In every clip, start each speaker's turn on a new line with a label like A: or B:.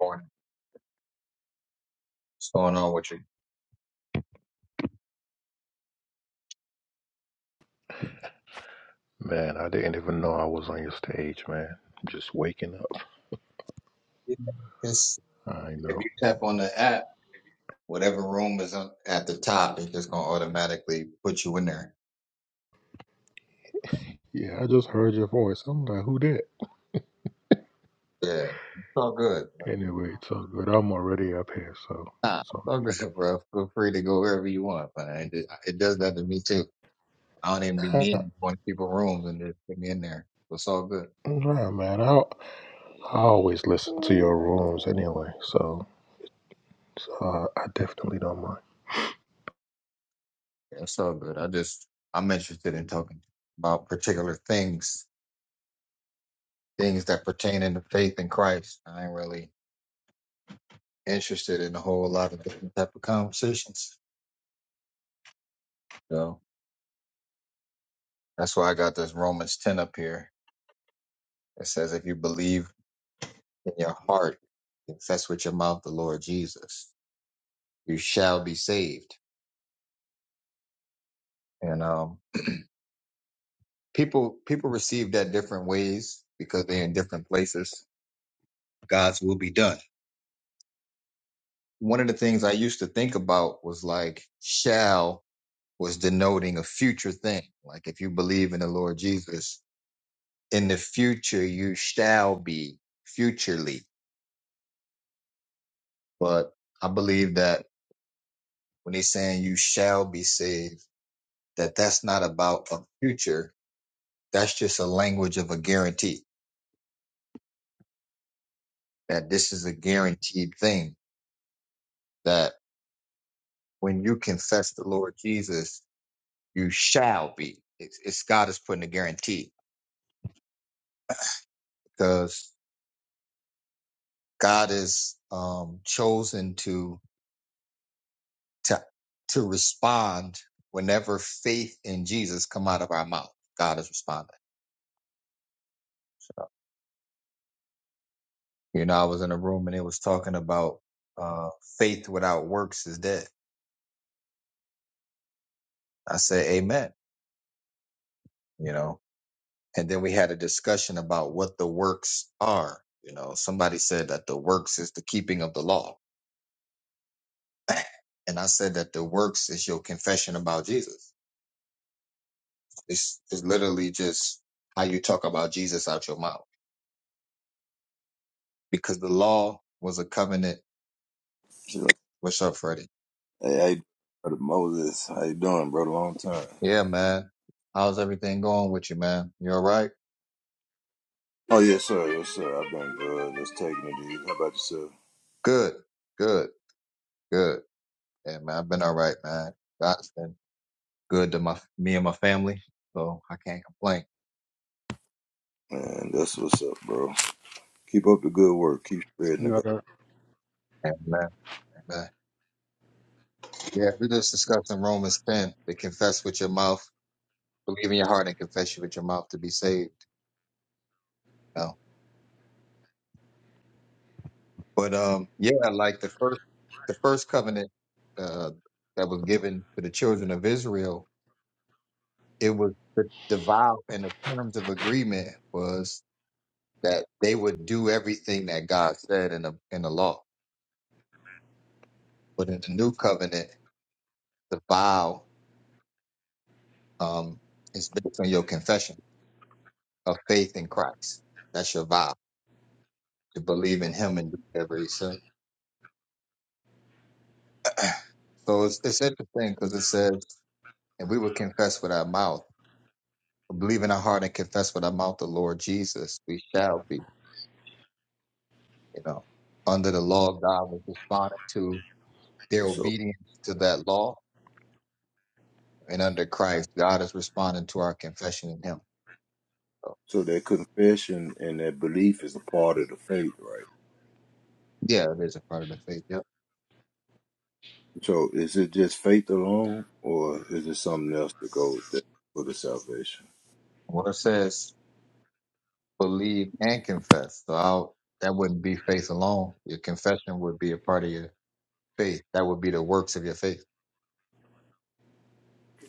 A: Morning. What's going on with you?
B: Man, I didn't even know I was on your stage, man. Just waking up.
A: Yeah, It's,
B: I
A: if
B: know.
A: you tap on the app, whatever room is on, at the top, it's just gonna automatically put you in there.
B: Yeah, I just heard your voice. I'm like, who that?
A: Yeah, it's all good.
B: Anyway, it's all good. I'm already up here, so
A: Nah,
B: it's
A: it's
B: all
A: all good, bro. Feel free to go wherever you want, but it, it does that to me too. I don't even be
B: good.
A: needing one people rooms and just put me in there. It's all good.
B: Nah, man. I, I always listen to your rooms anyway, so uh, I definitely don't mind.
A: Yeah, it's all good. I just I'm interested in talking about particular things, things that pertain into faith in Christ. I ain't really interested in a whole lot of different type of conversations. You know, that's why I got this Romans 10 up here. It says, if you believe in your heart, confess with your mouth the Lord Jesus, you shall be saved. And, um, people, people receive that different ways because they're in different places. God's will be done. One of the things I used to think about was like, shall was denoting a future thing. Like if you believe in the Lord Jesus, in the future, you shall be futurely. But I believe that when he's saying you shall be saved, that that's not about a future. That's just a language of a guarantee that this is a guaranteed thing that when you confess the Lord Jesus, you shall be. It's, it's God is putting a guarantee because God is um, chosen to to to respond whenever faith in Jesus come out of our mouth. God is responding. So, you know, I was in a room and it was talking about uh, faith without works is dead I said, Amen, you know. And then we had a discussion about what the works are. You know, somebody said that the works is the keeping of the law. And I said that the works is your confession about Jesus. It's, it's literally just how you talk about Jesus out your mouth. Because the law was a covenant.
C: She's like,
A: What's up, Freddie?
C: hey, how you brother Moses? How you doing, bro? Long time.
A: Yeah, man. How's everything going with you, man? You all right?
C: Oh, yes, sir. Yes, sir. I've been good. Just taking it easy. How about yourself?
A: Good, good, good. Yeah, man. I've been all right, man. God's been good to my me and my family, so I can't complain.
C: Man, that's what's up, bro. Keep up the good work. Keep spreading the
D: No,
C: gospel.
D: no,
A: Amen. Amen. Yeah, we're just discussing Romans 10, to confess with your mouth, believe in your heart and confess you with your mouth to be saved. You know? But um, yeah, like the first the first covenant uh, that was given to the children of Israel, it was the, the vow and the terms of agreement was that they would do everything that God said in the in the law. But in the new covenant, the vow um, is based on your confession of faith in Christ. That's your vow to believe in him and do whatever he said. So it's, it's interesting because it says, and we will confess with our mouth, believe in our heart and confess with our mouth the Lord Jesus, we shall be, you know, under the law of God was responding to their
C: So,
A: obedience to that law. And under Christ, God is responding to our confession in him. So
C: so that confession and that belief is a part of the faith, right?
A: yeah, it is a part of the faith. Yep.
C: So, is it just faith alone, or is it something else that goes that for the salvation?
A: What it says, believe and confess. So I'll, that wouldn't be faith alone. Your confession would be a part of your faith. That would be the works of your faith.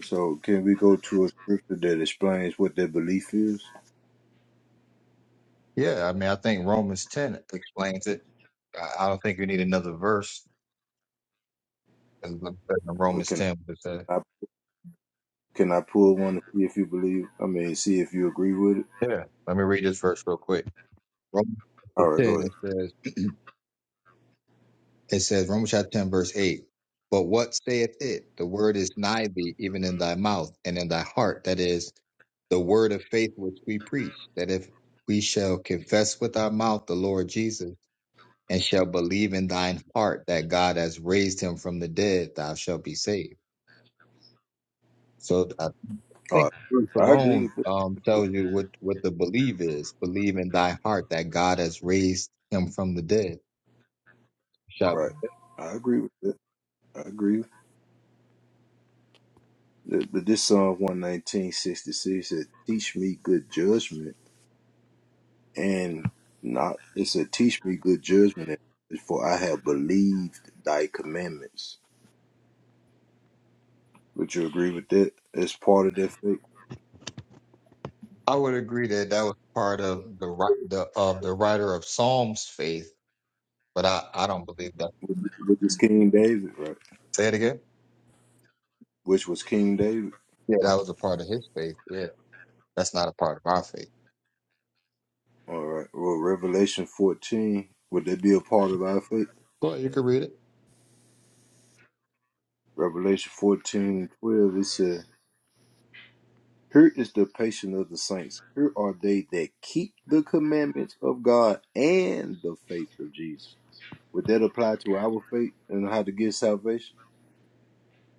C: So, can we go to a scripture that explains what that belief is?
A: Yeah, I mean, I think Romans 10 explains it. I, I don't think you need another verse. As I'm saying
C: But
A: Romans
C: can
A: 10, what it says.
C: I can I pull one to see if you believe? I mean, see if you agree with it.
A: Yeah, let me read this verse real quick. Romans
C: All
A: chapter
C: right, go
A: 10,
C: ahead.
A: it says, it says, Romans chapter 10, verse 8. But what saith it? The word is nigh thee, even in thy mouth and in thy heart. That is the word of faith which we preach, that if we shall confess with our mouth the Lord Jesus and shall believe in thine heart that God has raised him from the dead, thou shalt be saved. So I
C: All
A: think
C: right.
A: verse
C: I agree
A: alone
C: with it.
A: um, tells you what, what the belief is. Believe in thy heart that God has raised him from the dead. Shall-
C: Right. I agree with it. I agree with it. But this Psalm 11966 said, Teach me good judgment and not, it said, Teach me good judgment, for I have believed thy commandments. Would you agree with that? It's part of that faith,
A: I would agree that that was part of the ri- the of the writer of Psalms faith, but I, I don't believe that.
C: which is King David, right?
A: Say it again.
C: Which was King David.
A: Yeah, that was a part of his faith. Yeah, that's not a part of our faith.
C: All right. Well, Revelation 14, would that be a part of our faith?
A: Well, you can read it.
C: Revelation 14 and 12, it said. Here is the patience of the saints. Here are they that keep the commandments of God and the faith of Jesus. Would that apply to our faith and how to get salvation?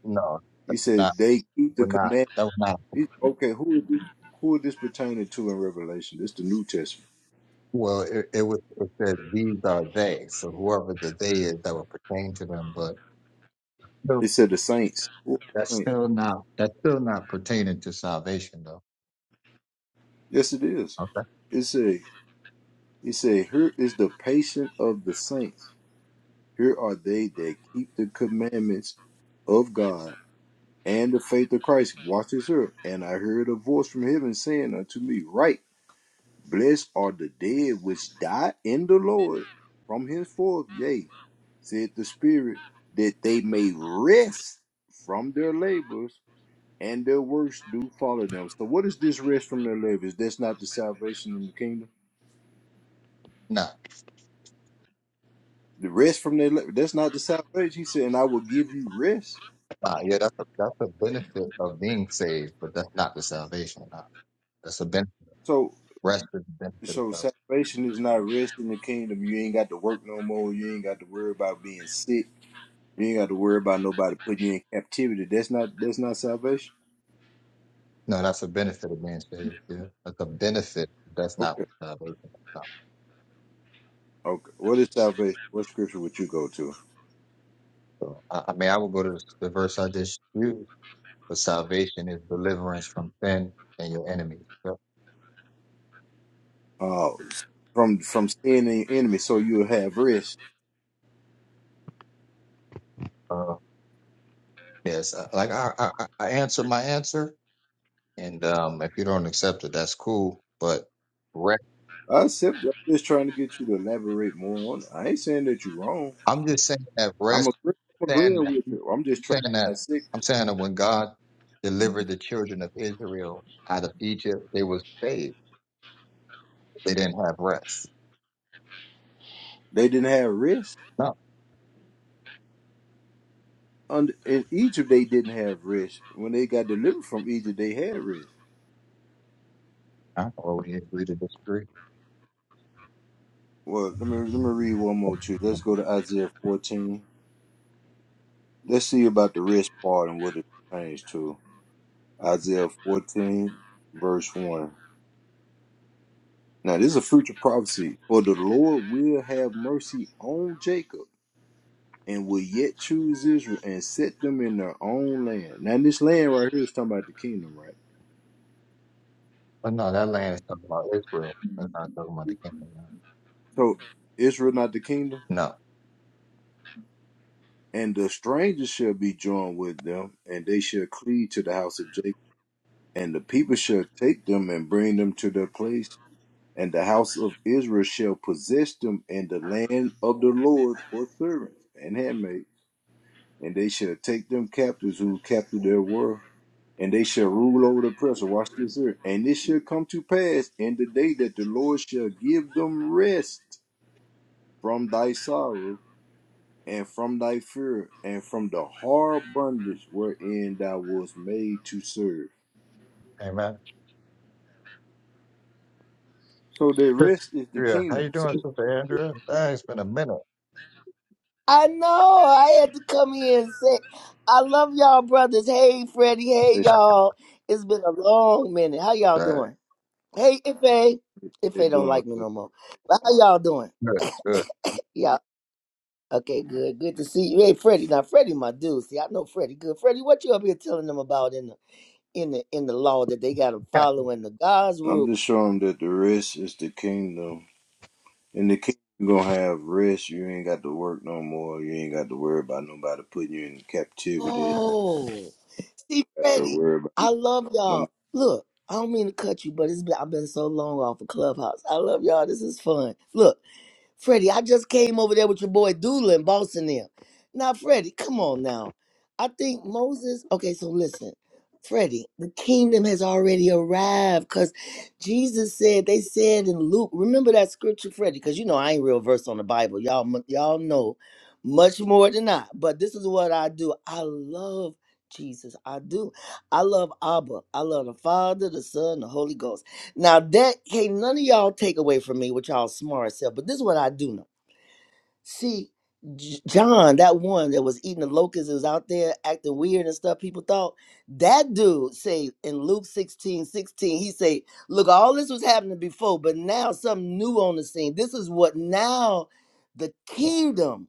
A: No,
C: He said
A: not
C: they keep the
A: we're not.
C: command.
A: That was not.
C: Okay, who is this? Who is this pertaining to in Revelation? This the New Testament.
A: Well, it, it was it says these are they. So whoever the they is, that would pertain to them. But
C: It said the saints. Who are
A: That's
C: the saints?
A: still not that's still not pertaining to salvation though.
C: Yes, it is.
A: Okay.
C: It said. It said, "Here is the patience of the saints. Here are they that keep the commandments of God and the faith of Christ. Watch this here. And I heard a voice from heaven saying unto me, "Write, blessed are the dead which die in the Lord from henceforth. Yea, said the Spirit, that they may rest from their labors and their works do follow them. So, what is this rest from their labors? That's not the salvation in the kingdom.
A: No.
C: The rest from their labor, that's not the salvation. He said, And I will give you rest.
A: Nah, yeah, that's a that's a benefit of being saved, but that's not the salvation. Nah. That's a benefit.
C: So,
A: Rest is the benefit of
C: So
A: salvation.
C: salvation is not rest in the kingdom. You ain't got to work no more. You ain't got to worry about being sick. You ain't got to worry about nobody putting you in captivity. That's not that's not salvation.
A: No, that's a benefit of being saved. Yeah, that's a benefit. That's not
C: Okay.
A: what salvation is. Not.
C: Okay. What is salvation? What scripture would you go to?
A: So, I, I mean, I will go to the verse I just used. But salvation is deliverance from sin and your enemies. So,
C: Uh from from sin and your enemy, so you'll have rest.
A: uh, yes, uh, like I, I, I I answered my answer, and um, if you don't accept it, that's cool. But
C: I accept I'm just trying to get you to elaborate more on it. I ain't saying that you're wrong.
A: I'm just saying that
C: I'm
A: rest,
C: agreeing, I'm
A: saying,
C: agreeing with you. I'm just trying
A: saying
C: to
A: that,
C: dissect
A: I'm
C: it.
A: saying that when God delivered the children of Israel out of Egypt, they were saved. They didn't have rest.
C: They didn't have rest.
A: No,
C: under in Egypt they didn't have rest. When they got delivered from Egypt, they had rest.
A: I don't always agree to disagree.
C: Well, let me let me read one more too. Let's go to Isaiah fourteen. Let's see about the rest part and what it pertains to. Isaiah fourteen, verse one. Now this is a future prophecy. For the Lord will have mercy on Jacob and will yet choose Israel and set them in their own land. Now this land right here is talking about the kingdom, right?
A: But no, that land is talking about Israel. That's not talking about the kingdom.
C: So Israel not the kingdom?
A: No.
C: And the strangers shall be joined with them, and they shall cleave to the house of Jacob. And the people shall take them and bring them to their place. And the house of Israel shall possess them in the land of the Lord for servants and handmaids. And they shall take them captives who captured their world. And they shall rule over the oppressor. Watch this here. And it shall come to pass in the day that the Lord shall give them rest from thy sorrow and from thy fear, and from the hard bondage wherein thou was made to serve.
A: Amen.
C: So the
A: Sister
C: rest is the
A: Andrea, how you
C: kingdom. So
A: doing, Sister Andrea? Dang, It's been a minute.
E: I know. I had to come here and say, I love y'all, brothers. Hey, Freddie. Hey,
C: that's
E: y'all. It's been a long minute. How y'all
A: Dang.
E: doing? Hey, Ife.
C: what they
E: Ife don't
C: doing.
E: like me
C: So
E: no more. But how y'all doing?
A: Good, good.
E: Yeah. Okay, good. Good to see you. Hey, Freddie. Now, Freddie, my dude. See, I know Freddie. Good. Freddie, what you up here telling them about in the in the in the law that they got to follow in the God's
C: I'm
E: rule?
C: just showing that the rest is the kingdom, and the kingdom gonna have rest. You ain't got to work no more. You ain't got to worry about nobody putting you in captivity.
E: Oh. See
C: Got to
E: Freddie,
C: worry about
E: I love
C: no. More.
E: y'all. Look, I don't mean to cut you, but it's been, I've been so long off of Clubhouse. I love y'all. This is fun. Look. Freddie, I just came over there with your boy Doolin, and bossing them. Now, Freddie, come on now. I think Moses, okay, so listen, Freddie, the kingdom has already arrived because Jesus said, they said in Luke, remember that scripture, Freddie, because you know I ain't real verse on the Bible. Y'all, mu- y'all know much more than I, but this is what I do. I love Jesus. I do. I love Abba. I love the Father, the Son, the Holy Ghost. Now that can't none of y'all take away from me with y'all smart self, but this is what I do know. See, J- John, that one that was eating the locusts, that was out there acting weird and stuff. People thought that dude say in Luke 16 16. he say, "Look, all this was happening before, but now something new on the scene. This is what now the kingdom."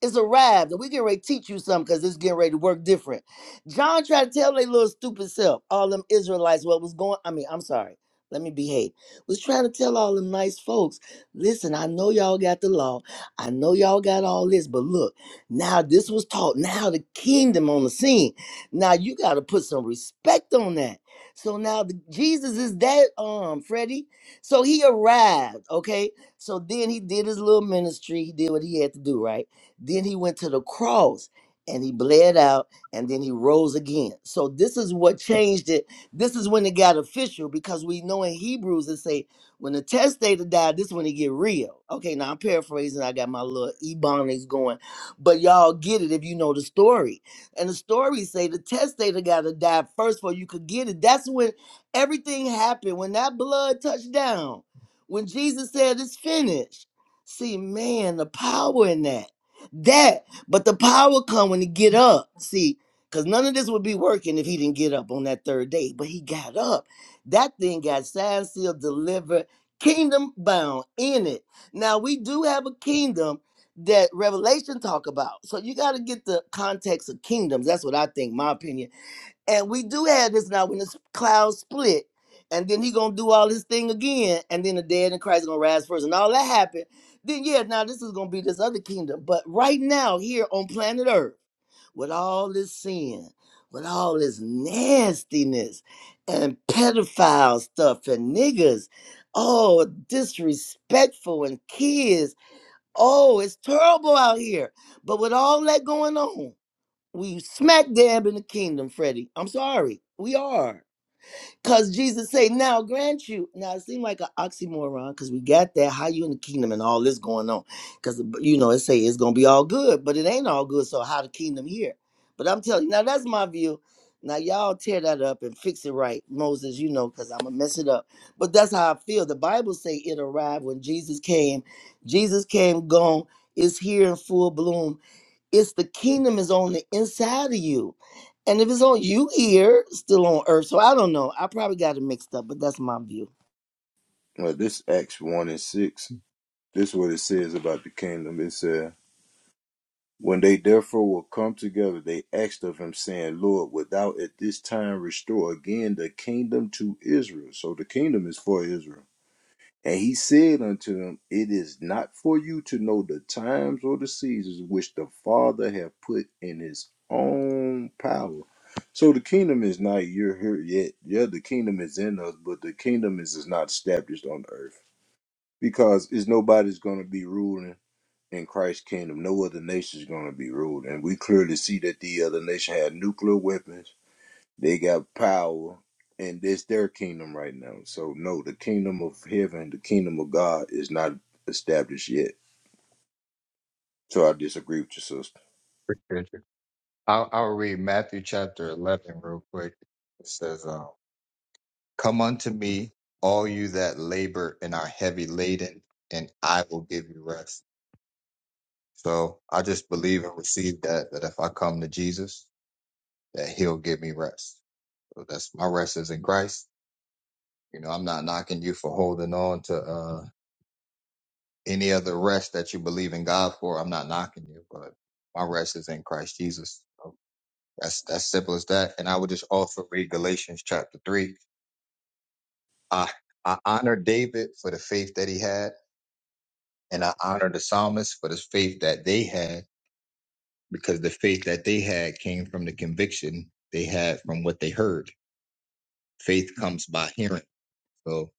E: It's arrived. And we getting ready to teach you something because it's getting ready to work different. John tried to tell their little stupid self, all them Israelites, what was going I mean, I'm sorry. Let me behave. Was trying to tell all them nice folks, listen, I know y'all got the law. I know y'all got all this, but look, now this was taught. Now the kingdom on the scene. Now you got to put some respect on that. So now the, Jesus is that um Freddie. So he arrived, okay? So then he did his little ministry. He did what he had to do, right? Then he went to the cross and he bled out and then he rose again. So this is what changed it. This is when it got official because we know in Hebrews it say when the testator died, this is when it get real. Okay, now I'm paraphrasing. I got my little ebonics going, but y'all get it if you know the story. And the story say the testator got to die first before you could get it. That's when everything happened. When that blood touched down, when Jesus said it's finished. See, man, the power in that. That, but the power come when he get up. See, because none of this would be working if he didn't get up on that third day. But he got up. That thing got signed, sealed, delivered, kingdom bound in it. Now we do have a kingdom that Revelation talk about. So you got to get the context of kingdoms. That's what I think. My opinion and we do have this now when the clouds split, and then he gonna do all his thing again, and then the dead in Christ gonna rise first, and all that happened. Then yeah, now this is gonna be this other kingdom. But right now, here on planet Earth, with all this sin, with all this nastiness and pedophile stuff and niggas, oh disrespectful and kids. Oh, it's terrible out here. But with all that going on. We smack dab in the kingdom, Freddie. I'm sorry. We are. Cause Jesus say, now grant you. Now it seemed like an oxymoron, cause we got that. How you in the kingdom and all this going on? Cause uh, you know it say it's gonna be all good, but it ain't all good. So how the kingdom here? But I'm telling you, now that's my view. Now y'all tear that up and fix it right, Moses. You know, cause I'ma mess it up. But that's how I feel. The Bible say it arrived when Jesus came. Jesus came, gone, is here in full bloom it's the kingdom is on the inside of you. And if it's on you here, still on earth. So I don't know. I probably got it mixed up, but that's my view.
C: Well, this Acts one and six. This is what it says about the kingdom. It says. When they therefore were come together, they asked of him, saying, Lord, wilt thou at this time restore again the kingdom to Israel? So the kingdom is for Israel. And he said unto them, It is not for you to know the times or the seasons which the Father hath put in his own power. So the kingdom is not you're here yet. Yeah, the kingdom is in us, but the kingdom is, is not established on earth because it's nobody's gonna be ruling in Christ's kingdom, no other nation is going to be ruled. And we clearly see that the other nation had nuclear weapons. They got power, and it's their kingdom right now. So, no, the kingdom of heaven, the kingdom of God is not established yet. So, I disagree with you, sister.
A: Appreciate you. I'll, I'll read Matthew chapter 11 real quick. It says, um, Come unto me, all you that labor and are heavy laden, and I will give you rest. So I just believe and receive that that if I come to Jesus, that He'll give me rest. So that's my rest is in Christ. You know, I'm not knocking you for holding on to uh, any other rest that you believe in God for. I'm not knocking you, but my rest is in Christ Jesus. So that's that's simple as that. And I would just also read Galatians chapter three. I I honor David for the faith that he had And I honor the psalmists for the faith that they had, because the faith that they had came from the conviction they had from what they heard. Faith comes by hearing. So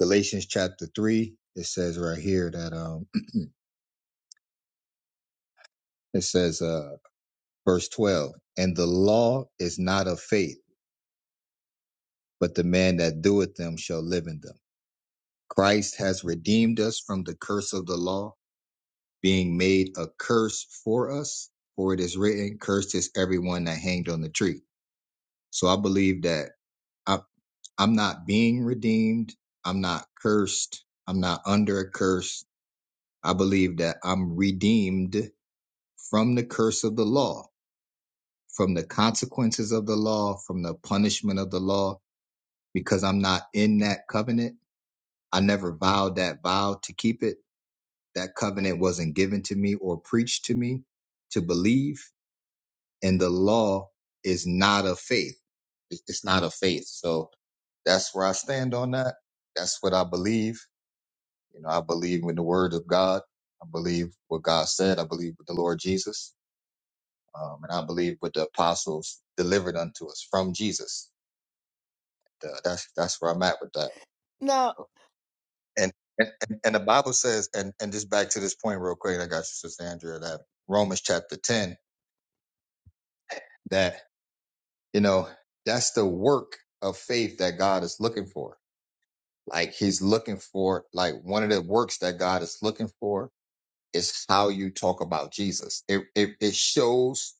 A: Galatians chapter three, it says right here that um it says uh verse twelve, and the law is not of faith, but the man that doeth them shall live in them. Christ has redeemed us from the curse of the law, being made a curse for us, for it is written, Cursed is everyone that hanged on the tree. So I believe that I, I'm not being redeemed. I'm not cursed. I'm not under a curse. I believe that I'm redeemed from the curse of the law, from the consequences of the law, from the punishment of the law, because I'm not in that covenant. I never vowed that vow to keep it. That covenant wasn't given to me or preached to me to believe. And the law is not of faith. It- It's not of faith. So that's where I stand on that. That's what I believe You know, I believe in the word of God. I believe what God said. I believe with the Lord Jesus. Um, and I believe what the apostles delivered unto us from Jesus. Uh, that's, that's where I'm at with that.
E: Now,
A: And, and, and the Bible says, and, and just back to this point real quick, I got you, Sister Andrea, that Romans chapter 10, that, you know, that's the work of faith that God is looking for. Like he's looking for, like one of the works that God is looking for It's how you talk about Jesus. It, it, it shows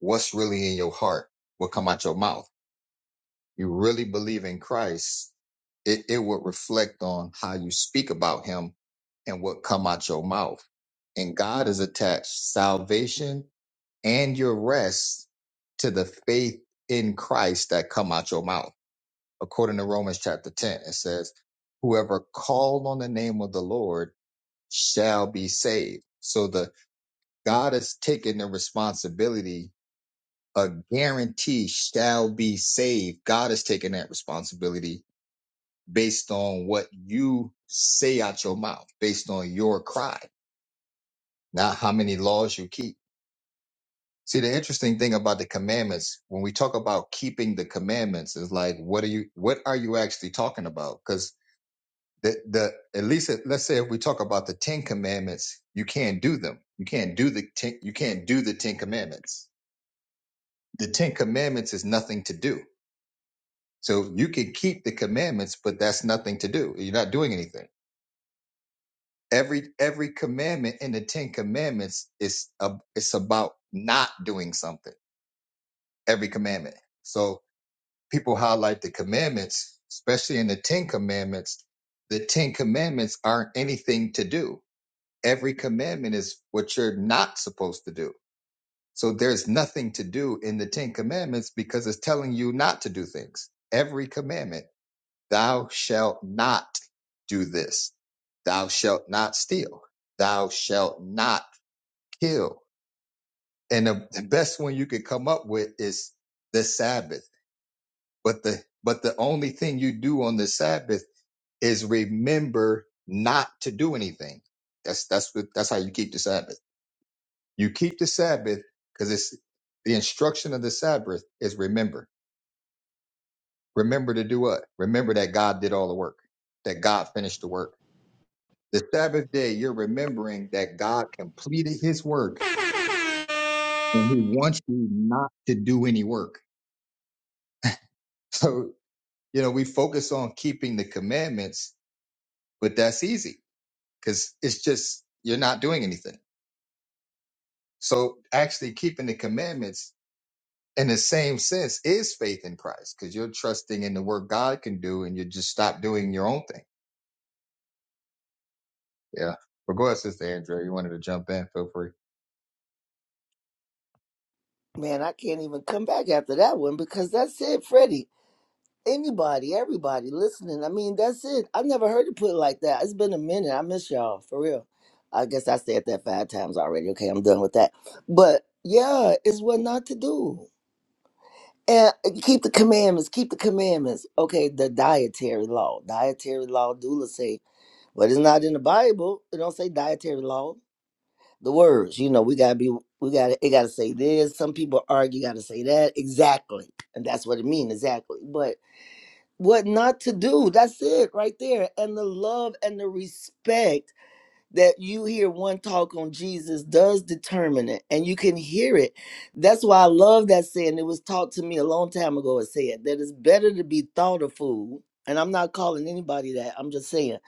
A: what's really in your heart, what come out your mouth. You really believe in Christ. It, it would reflect on how you speak about him and what come out your mouth. And God has attached salvation and your rest to the faith in Christ that come out your mouth. According to Romans chapter 10, it says, whoever called on the name of the Lord shall be saved. So the God has taken the responsibility. A guarantee shall be saved. God has taken that responsibility based on what you say out your mouth, based on your cry, not how many laws you keep. See, the interesting thing about the commandments, when we talk about keeping the commandments, is like, what are you, what are you actually talking about? Because the, the, at least if- let's say if we talk about the 10 commandments, you can't do them. You can't do the 10, you can't do the 10 commandments the Ten Commandments is nothing to do. So you can keep the commandments, but that's nothing to do. You're not doing anything. Every every commandment in the Ten Commandments is a, it's about not doing something. Every commandment. So people highlight the commandments, especially in the Ten Commandments. The Ten Commandments aren't anything to do. Every commandment is what you're not supposed to do. So there's nothing to do in the Ten Commandments because it's telling you not to do things. Every commandment. Thou shalt not do this. Thou shalt not steal. Thou shalt not kill. And the, the best one you could come up with is the Sabbath. But the but the only thing you do on the Sabbath is remember not to do anything. That's that's what that's how you keep the Sabbath. You keep the Sabbath because it's the instruction of the Sabbath is remember. Remember to do what? Remember that God did all the work. That God finished the work The Sabbath day, you're remembering that God completed his work and he wants you not to do any work. So, you know, we focus on keeping the commandments, but that's easy because it's just you're not doing anything. So, actually, keeping the commandments in the same sense is faith in Christ because you're trusting in the work God can do and you just stop doing your own thing. Yeah. But go ahead, Sister Andrea. You wanted to jump in, feel free.
E: man, I can't even come back after that one because that's it, Freddie. Anybody, everybody listening. I mean, that's it. I've never heard it put like that. It's been a minute. I miss y'all for real. I guess I said that five times already. Okay, I'm done with that. But yeah, it's what not to do. And keep the commandments, keep the commandments. Okay, the dietary law. Dietary law, doula say. But it's not in the Bible. It don't say dietary law. The words, you know, we gotta be, we gotta, it gotta say this. Some people argue, gotta say that exactly, and that's what it means exactly. But what not to do? That's it right there. And the love and the respect that you hear one talk on Jesus does determine it, and you can hear it. That's why I love that saying. It was taught to me a long time ago. It said that it's better to be thought a fool, and I'm not calling anybody that. I'm just saying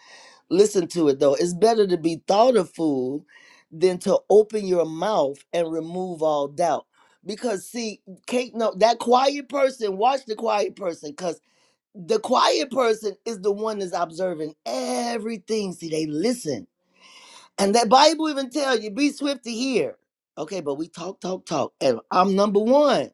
E: listen to it though. It's better to be thought a fool than to open your mouth and remove all doubt. Because see, Kate, no, that quiet person, watch the quiet person, because the quiet person is the one that's observing everything. See, they listen and that Bible even tell you, be swift to hear. Okay, but we talk, talk, talk. And I'm number one.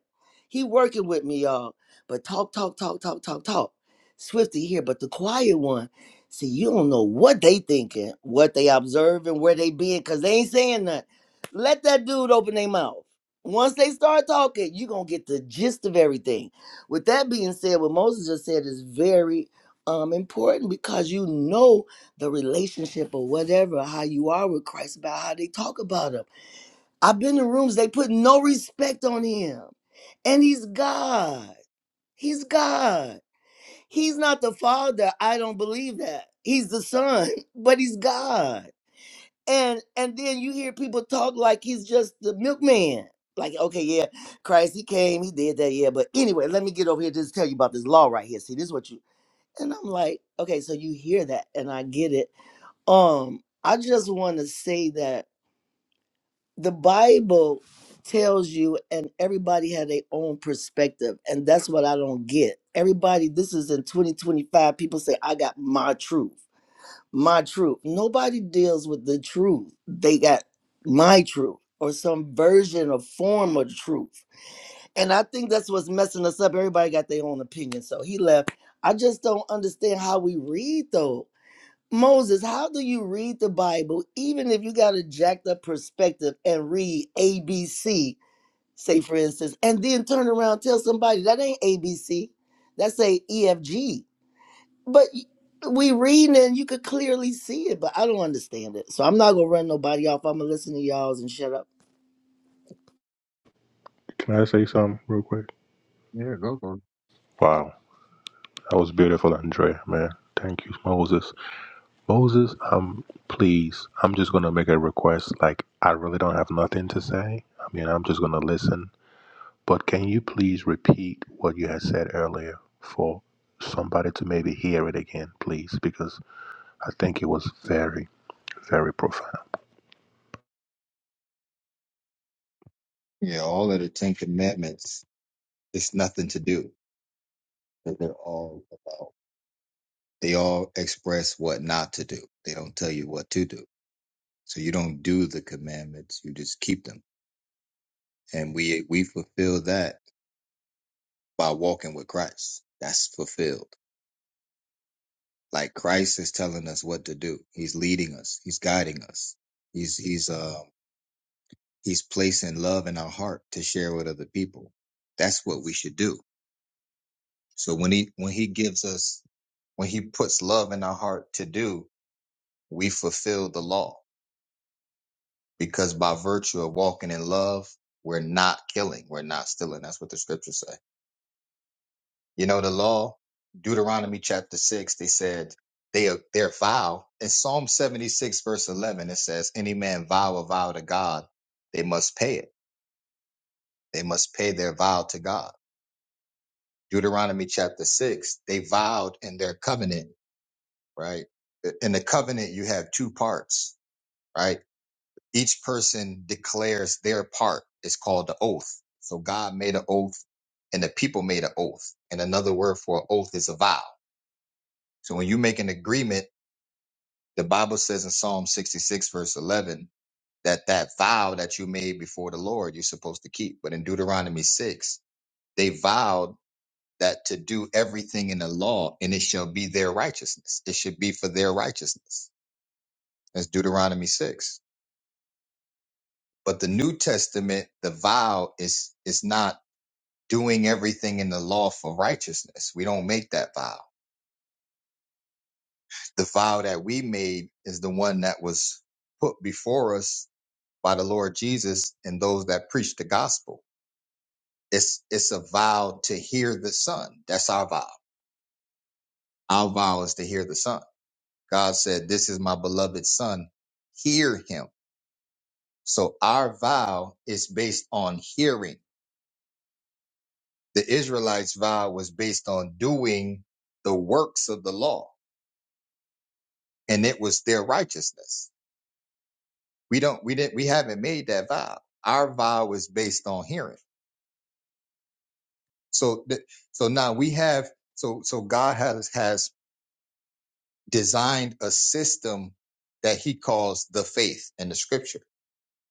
E: He working with me, y'all. But talk, talk, talk, talk, talk, talk. Swift to hear, but the quiet one. See, you don't know what they thinking, what they observing, where they being, because they ain't saying nothing. Let that dude open their mouth. Once they start talking, you going to get the gist of everything. With that being said, what Moses just said is very um, important because you know the relationship or whatever, how you are with Christ, about how they talk about him. I've been in rooms, they put no respect on him. And he's God. He's God. He's not the father. I don't believe that. He's the son, but he's God. And and then you hear people talk like he's just the milkman. Like, okay, yeah, Christ, he came, he did that, yeah. But anyway, let me get over here just tell you about this law right here. See, this is what you and I'm like, okay, so you hear that, and I get it um, I just want to say that the Bible tells you, and everybody had their own perspective, and that's what I don't get. Everybody, this is in 2025. People say, I got my truth, my truth. Nobody deals with the truth, they got my truth. Or some version or form of truth. And I think that's what's messing us up. Everybody got their own opinion. So he left. I just don't understand how we read those. Moses, how do you read the Bible, even if you got a jacked up perspective and read ABC, say for instance, and then turn around and tell somebody that ain't ABC, that's a EFG. But y- we reading it and you could clearly see it, but I don't understand it. So I'm not gonna run nobody off. I'm gonna listen to y'all's and shut up.
B: Can I say something real quick?
A: Yeah, go for it.
B: Wow, that was beautiful, Andrea, man. Thank you, Moses. Moses, um, please, I'm just gonna make a request. Like, I really don't have nothing to say. I mean, I'm just gonna listen But can you please repeat what you had said earlier for somebody to maybe hear it again, please? Because I think it was very, very profound.
A: Yeah, all of the Ten Commandments, it's nothing to do 'cause they're all about. They all express what not to do. They don't tell you what to do. So you don't do the commandments. You just keep them. And we we fulfill that by walking with Christ. That's fulfilled. Like Christ is telling us what to do. He's leading us. He's guiding us. He's he's uh he's placing love in our heart to share with other people. That's what we should do. So when he when he gives us when he puts love in our heart to do, we fulfill the law because by virtue of walking in love, we're not killing, we're not stealing. That's what the scriptures say. You know, the law, Deuteronomy chapter six, they said they are they're vile. In Psalm seventy six verse eleven, it says, "Any man vow a vow to God, they must pay it. They must pay their vow to God." Deuteronomy chapter six, they vowed in their covenant, right? In the covenant, you have two parts, right? Each person declares their part. It's called the oath. So God made an oath and the people made an oath. And another word for oath is a vow. So when you make an agreement, the Bible says in Psalm 66 verse 11 that that vow that you made before the Lord, you're supposed to keep. But in Deuteronomy 6, they vowed that to do everything in the law and it shall be their righteousness. It should be for their righteousness. That's Deuteronomy 6. But the New Testament, the vow is, is not doing everything in the law for righteousness. We don't make that vow. The vow that we made is the one that was put before us by the Lord Jesus and those that preach the gospel. It's it's a vow to hear the Son. That's our vow. Our vow is to hear the Son. God said, "This is my beloved Son. Hear him." So our vow is based on hearing. The Israelites' vow was based on doing the works of the law, and it was their righteousness We don't, we didn't, we haven't made that vow. Our vow is based on hearing. So, th- so now we have, so, so God has, has designed a system that he calls the faith and the scripture.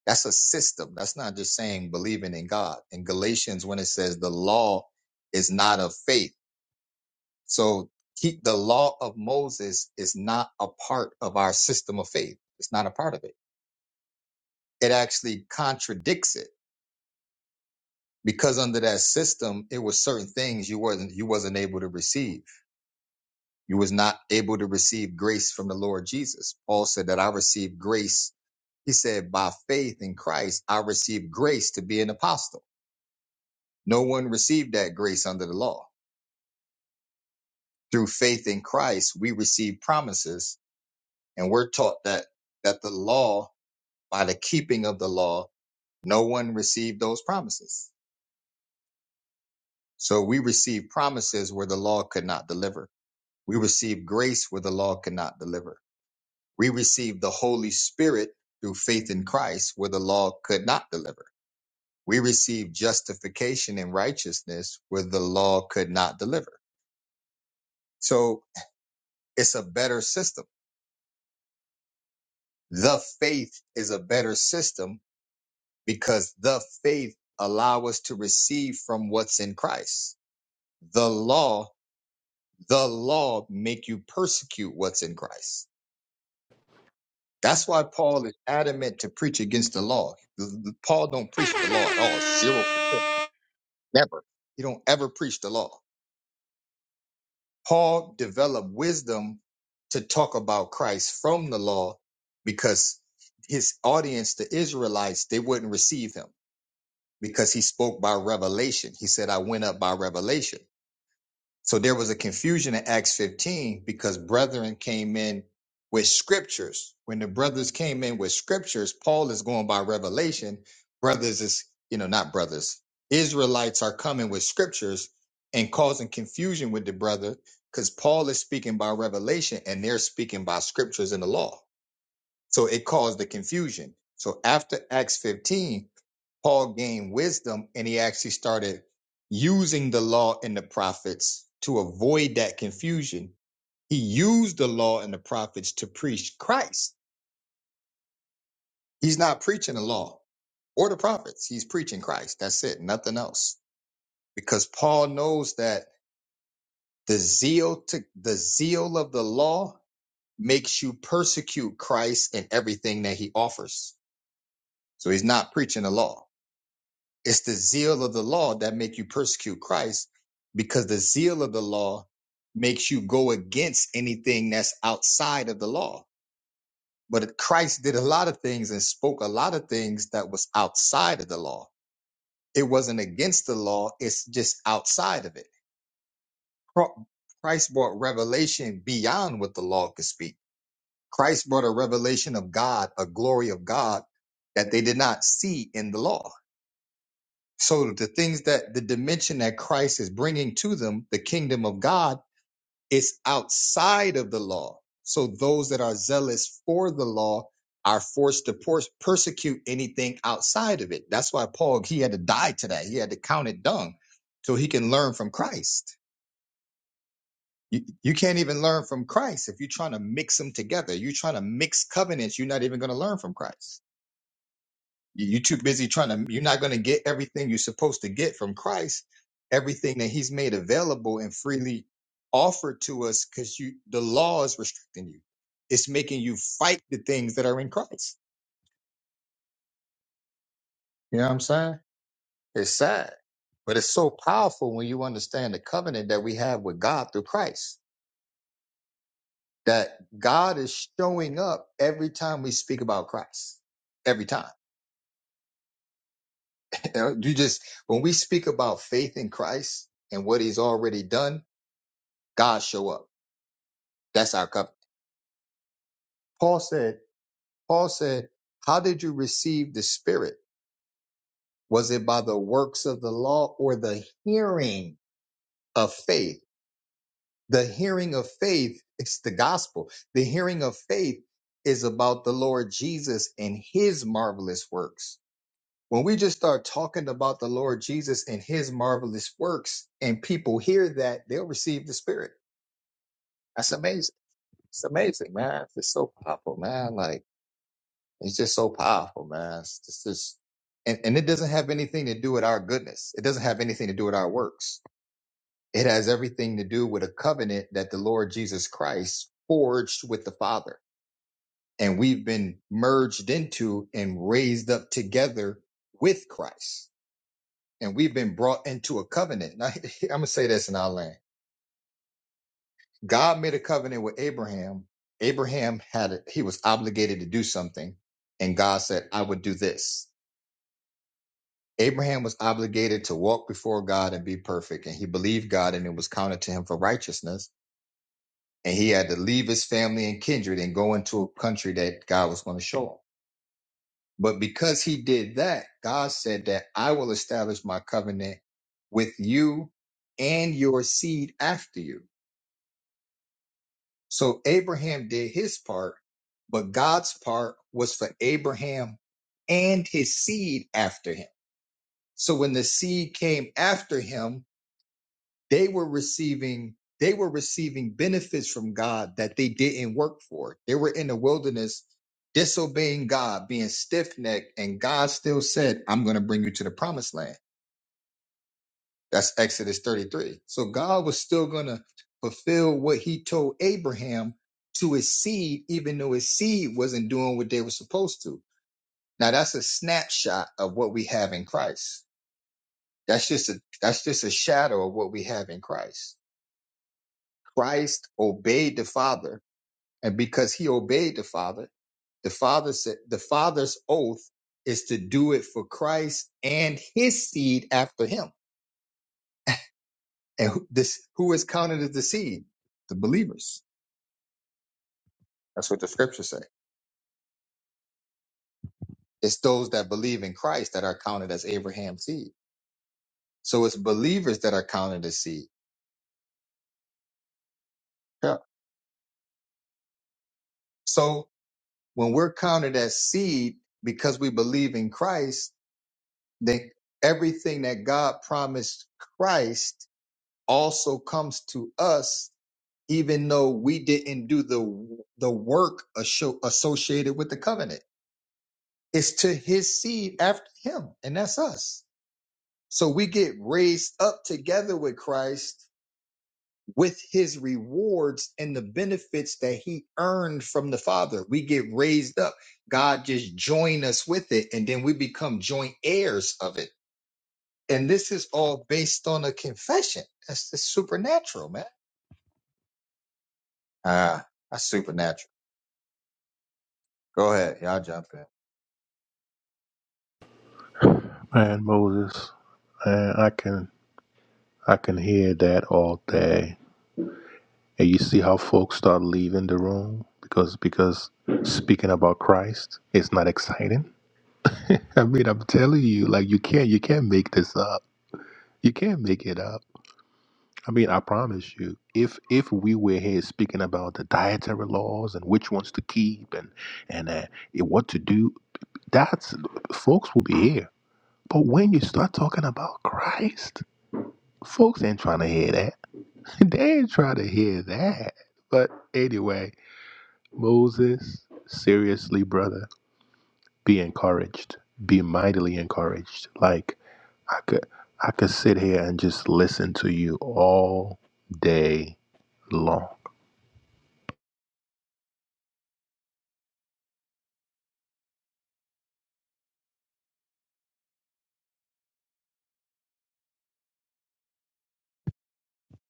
A: That's a system. That's not just saying believing in God. In Galatians, when it says the law is not of faith. So keep the law of Moses is not a part of our system of faith. It's not a part of it. It actually contradicts it because under that system it was certain things you wasn't you wasn't able to receive you was not able to receive grace from the lord jesus paul said that i received grace he said by faith in christ i received grace to be an apostle no one received that grace under the law through faith in christ we receive promises and we're taught that that the law by the keeping of the law no one received those promises so we receive promises where the law could not deliver We receive grace where the law cannot deliver. We receive the Holy Spirit through faith in Christ where the law could not deliver. We receive justification and righteousness where the law could not deliver. So it's a better system. The faith is a better system because the faith allow us to receive from what's in Christ. The law, the law make you persecute what's in Christ That's why Paul is adamant to preach against the law. The- the- Paul don't preach the law at all. Zero percent. Never. He don't ever preach the law. Paul developed wisdom to talk about Christ from the law because his audience, the Israelites, they wouldn't receive him because he spoke by revelation. He said, I went up by revelation. So there was a confusion in Acts 15 because brethren came in with scriptures. When the brothers came in with scriptures, Paul is going by revelation. Brothers is, you know, not brothers. Israelites are coming with scriptures and causing confusion with the brother because Paul is speaking by revelation and they're speaking by scriptures and the law. So it caused the confusion. So after Acts 15, Paul gained wisdom and he actually started using the law and the prophets to avoid that confusion. He used the law and the prophets to preach Christ. He's not preaching the law or the prophets. He's preaching Christ. That's it. Nothing else. Because Paul knows that the zeal to the zeal of the law makes you persecute Christ and everything that he offers. So he's not preaching the law It's the zeal of the law that make you persecute Christ because the zeal of the law makes you go against anything that's outside of the law. But Christ did a lot of things and spoke a lot of things that was outside of the law. It wasn't against the law, it's just outside of it. Cro- Christ brought revelation beyond what the law could speak. Christ brought a revelation of God, a glory of God that they did not see in the law So the things that the dimension that Christ is bringing to them, the kingdom of God, is outside of the law. So those that are zealous for the law are forced to por- persecute anything outside of it. That's why Paul he had to die to that. He had to count it dung so he can learn from Christ. You, you can't even learn from Christ if you're trying to mix them together. You're trying to mix covenants. You're not even going to learn from Christ. You- You're too busy trying to, you're not going to get everything you're supposed to get from Christ, everything that He's made available and freely offered to us because you, the law is restricting you. It's making you fight the things that are in Christ. You know what I'm saying? It's sad, but it's so powerful when you understand the covenant that we have with God through Christ, that God is showing up every time we speak about Christ. Every time. You know, you just, when we speak about faith in Christ and what He's already done, God show up. That's our cup. Paul said, Paul said, how did you receive the spirit? Was it by the works of the law or the hearing of faith? The hearing of faith is the gospel. The hearing of faith is about the Lord Jesus and his marvelous works. When we just start talking about the Lord Jesus and his marvelous works and people hear that, they'll receive the spirit. That's amazing. It's amazing, man. It's so powerful, man. Like, It's just so powerful, man. It's just, just- and, and it doesn't have anything to do with our goodness. It doesn't have anything to do with our works. It has everything to do with a covenant that the Lord Jesus Christ forged with the Father. And we've been merged into and raised up together with Christ. And we've been brought into a covenant. Now, I'm going to say this in our land. God made a covenant with Abraham. Abraham had, a, he was obligated to do something. And God said, I would do this Abraham was obligated to walk before God and be perfect, and he believed God, and it was counted to him for righteousness. And he had to leave his family and kindred and go into a country that God was going to show him. But because he did that, God said that I will establish my covenant with you and your seed after you. So Abraham did his part, but God's part was for Abraham and his seed after him. So when the seed came after him, They were receiving they were receiving benefits from God that they didn't work for. They were in the wilderness disobeying God, being stiff-necked, and God still said, "I'm going to bring you to the promised land." That's Exodus 33. So God was still going to fulfill what he told Abraham to his seed even though his seed wasn't doing what they were supposed to. Now that's a snapshot of what we have in Christ. That's just a that's just a shadow of what we have in Christ. Christ obeyed the Father, and because he obeyed the Father, the Father said the Father's oath is to do it for Christ and his seed after him. And who, this who is counted as the seed? The believers. That's what the scriptures say. It's those that believe in Christ that are counted as Abraham's seed. So it's believers that are counted as seed. Yeah. So when we're counted as seed because we believe in Christ, then everything that God promised Christ also comes to us even though we didn't do the the work asho- associated with the covenant it's to his seed after him and that's us so we get raised up together with christ with his rewards and the benefits that he earned from the father we get raised up god just join us with it and then we become joint heirs of it and this is all based on a confession that's, that's supernatural man ah that's supernatural Go ahead. Y'all jump in.
B: Man, Moses, man, I can I can hear that all day. And you see how folks start leaving the room because because speaking about Christ is not exciting. I mean, I'm telling you, like you can't you can't make this up. You can't make it up I mean, I promise you, if if we were here speaking about the dietary laws and which ones to keep and and uh, what to do, that's folks will be here. But when you start talking about Christ, folks ain't trying to hear that. they ain't trying to hear that. But anyway, Moses, seriously, brother, be encouraged. Be mightily encouraged. Like I could I could sit here and just listen to you all day long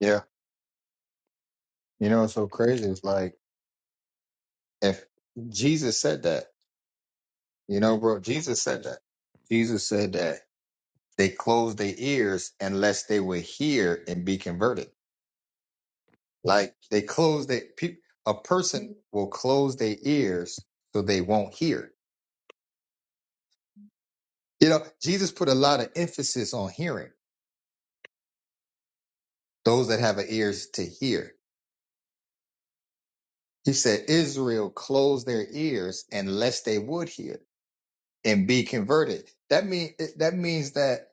A: Yeah. You know what's so crazy? It's like if Jesus said that, you know, bro, Jesus said that. Jesus said that they closed their ears unless they would hear and be converted. Like they close their pe- a person will close their ears so they won't hear. You know, Jesus put a lot of emphasis on hearing. Those that have a ears to hear. He said Israel closed their ears unless they would hear. and be converted. That mean that means that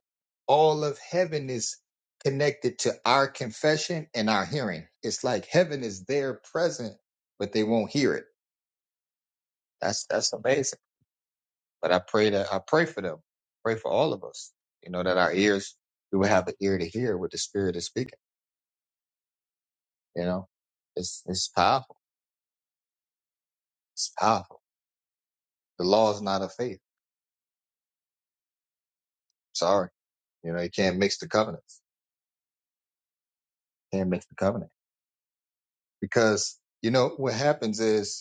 A: all of heaven is connected to our confession and our hearing. It's like heaven is there present, but they won't hear it. That's that's amazing. But I pray that I pray for them. Pray for all of us. You know, that our ears we will have an ear to hear what the spirit is speaking. You know? It's it's powerful. It's powerful. The law is not of faith. Sorry. You know, you can't mix the covenants. Can't mix the covenant. Because, you know, what happens is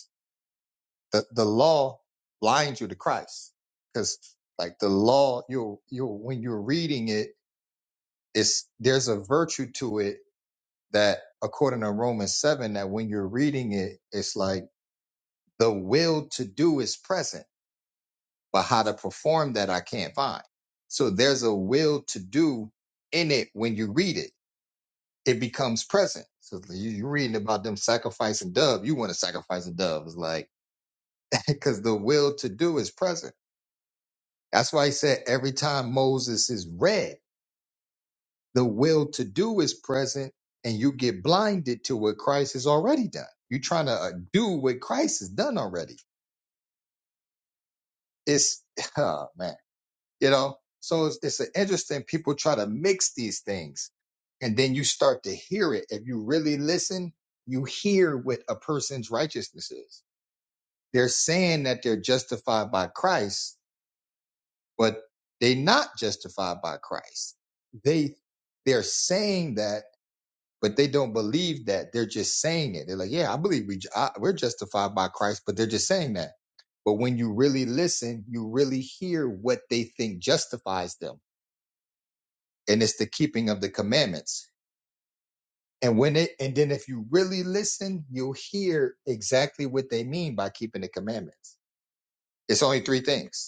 A: The the law blinds you to Christ because like the law, you you when you're reading it, it's there's a virtue to it that according to Romans seven, that when you're reading it, it's like the will to do is present, but how to perform that I can't find. So there's a will to do in it when you read it. It becomes present. So you- you're reading about them sacrificing dove. You want to sacrifice a dove. It's like because the will to do is present That's why he said every time Moses is read, the will to do is present and you get blinded to what Christ has already done. You're trying to uh, do what Christ has done already. It's, oh man, you know, so it's, it's an interesting, people try to mix these things and then you start to hear it. If you really listen, you hear what a person's righteousness is. They're saying that they're justified by Christ, but they're not justified by Christ. They they're saying that, but they don't believe that. They're just saying it. They're like, yeah, I believe we ju- I, we're justified by Christ, but they're just saying that. But when you really listen, you really hear what they think justifies them, and it's the keeping of the commandments. And when it and then if you really listen, you'll hear exactly what they mean by keeping the commandments. It's only three things.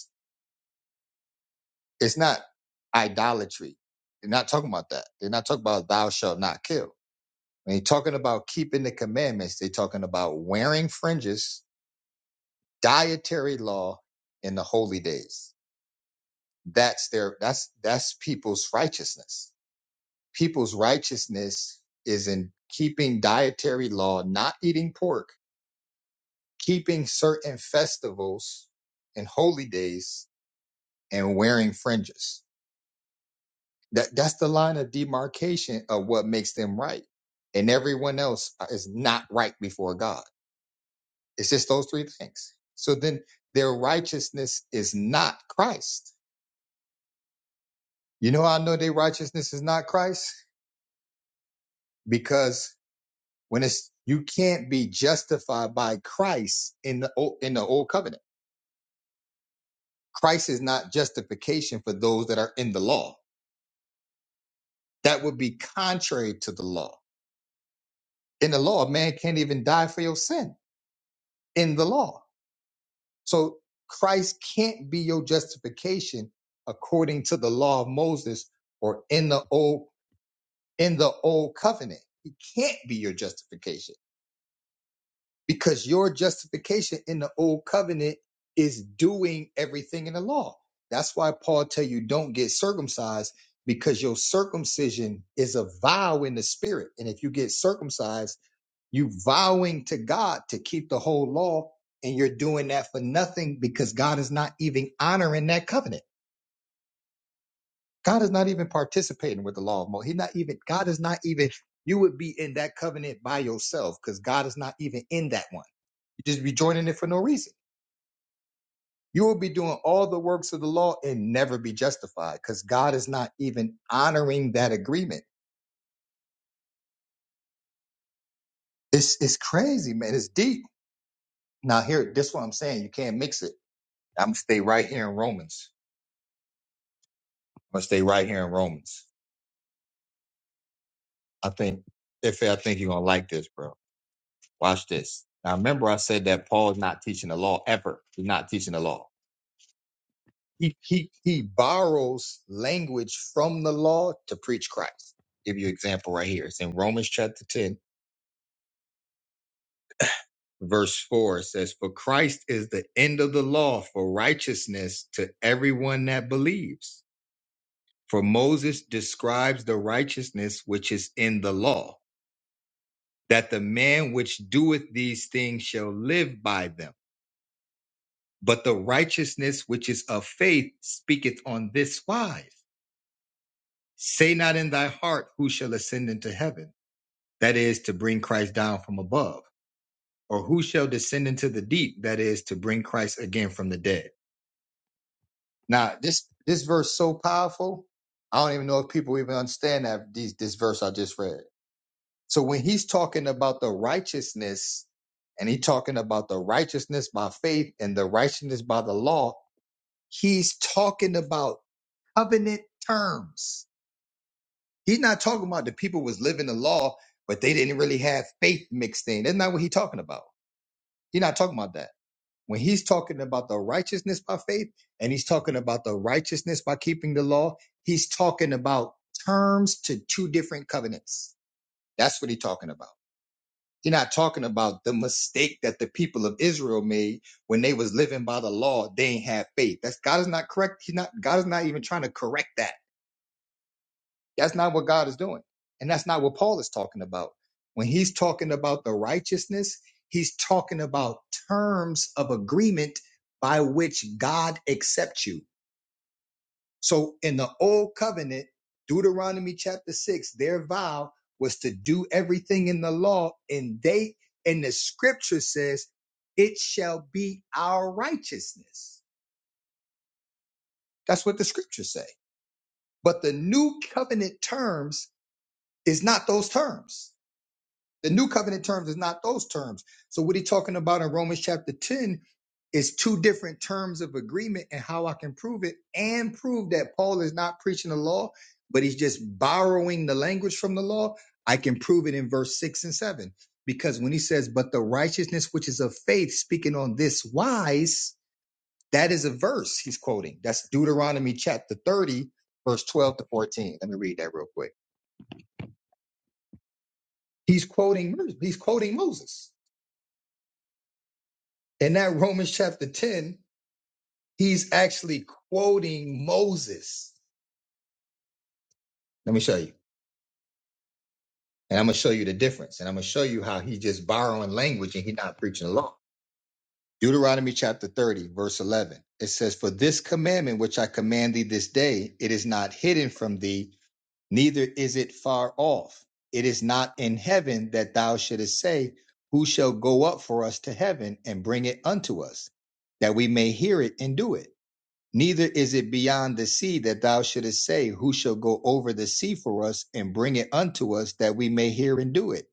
A: It's not idolatry. They're not talking about that. They're not talking about thou shalt not kill. When they're talking about keeping the commandments, they're talking about wearing fringes, dietary law, in the holy days. That's their that's that's people's righteousness. People's righteousness is in keeping dietary law, not eating pork, keeping certain festivals and holy days, and wearing fringes That that's the line of demarcation of what makes them right, and everyone else uh, is not right before God. It's just those three things. So then their righteousness is not Christ. You know how I know their righteousness is not Christ because when it's you can't be justified by Christ in the old, in the old covenant. Christ is not justification for those that are in the law. That would be contrary to the law. In the law, a man can't even die for your sin in the law. So Christ can't be your justification according to the law of Moses or in the old in the old covenant. He can't be your justification because your justification in the old covenant is doing everything in the law. That's why Paul tell you don't get circumcised because your circumcision is a vow in the spirit. And if you get circumcised, you vowing to God to keep the whole law, and you're doing that for nothing because God is not even honoring that covenant. God is not even participating with the law of Moses. He's not even, God is not even, you would be in that covenant by yourself because God is not even in that one. You just be joining it for no reason. You will be doing all the works of the law and never be justified because God is not even honoring that agreement. It's, it's crazy, man. It's deep. Now here, this is what I'm saying. You can't mix it. I'm gonna stay right here in Romans. I'm gonna stay right here in Romans. I think if I think you're gonna like this, bro. Watch this. Now remember I said that Paul is not teaching the law ever. He's not teaching the law. He he he borrows language from the law to preach Christ. Give you an example right here. It's in Romans chapter 10, verse 4. It says, For Christ is the end of the law for righteousness to everyone that believes. For Moses describes the righteousness which is in the law that the man which doeth these things shall live by them. But the righteousness which is of faith speaketh on this wise Say not in thy heart, Who shall ascend into heaven? That is to bring Christ down from above. Or who shall descend into the deep? That is to bring Christ again from the dead. Now, this, this verse so powerful. I don't even know if people even understand that these, this verse I just read So when he's talking about the righteousness, and he's talking about the righteousness by faith and the righteousness by the law, he's talking about covenant terms. He's not talking about the people was living the law, but they didn't really have faith mixed in. That's not what he's talking about. He's not talking about that. When he's talking about the righteousness by faith and he's talking about the righteousness by keeping the law, he's talking about terms to two different covenants. That's what he's talking about. He's not talking about the mistake that the people of Israel made when they was living by the law. They ain't have faith. That's God is not correct. He's not God is not even trying to correct that. That's not what God is doing. And that's not what Paul is talking about. When he's talking about the righteousness, he's talking about terms of agreement by which God accepts you. So in the old covenant, Deuteronomy chapter six, their vow was to do everything in the law, and they and the scripture says, it shall be our righteousness. That's what the scriptures say. But the new covenant terms is not those terms. The new covenant terms is not those terms. So what he's talking about in Romans chapter 10 is two different terms of agreement and how I can prove it and prove that Paul is not preaching the law, but he's just borrowing the language from the law. I can prove it in verse 6 and 7 because when he says, "But the righteousness which is of faith speaking on this wise," that is a verse he's quoting. That's Deuteronomy chapter 30 verse 12 to 14. Let me read that real quick. He's quoting he's quoting Moses. In that Romans chapter 10, he's actually quoting Moses. Let me show you. And I'm going to show you the difference. And I'm going to show you how he just borrowing language and he's not preaching the law. Deuteronomy chapter 30, verse 11. It says, For this commandment which I command thee this day, it is not hidden from thee, neither is it far off. It is not in heaven that thou shouldest say, Who shall go up for us to heaven and bring it unto us, that we may hear it and do it? Neither is it beyond the sea that thou shouldest say, Who shall go over the sea for us and bring it unto us that we may hear and do it?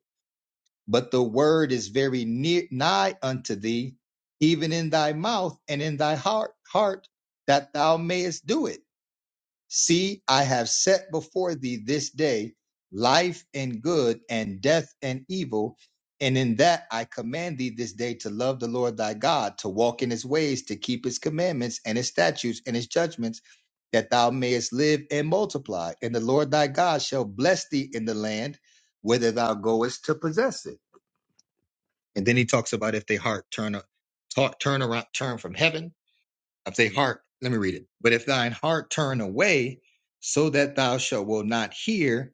A: But the word is very near, nigh unto thee, even in thy mouth and in thy heart, heart that thou mayest do it. See, I have set before thee this day life and good, and death and evil. And in that I command thee this day to love the Lord thy God, to walk in his ways, to keep his commandments and his statutes and his judgments, that thou mayest live and multiply. And the Lord thy God shall bless thee in the land whither thou goest to possess it. And then he talks about if they heart turn, a, ta- turn around, turn from heaven if thy heart, let me read it. But if thine heart turn away, so that thou shalt will not hear,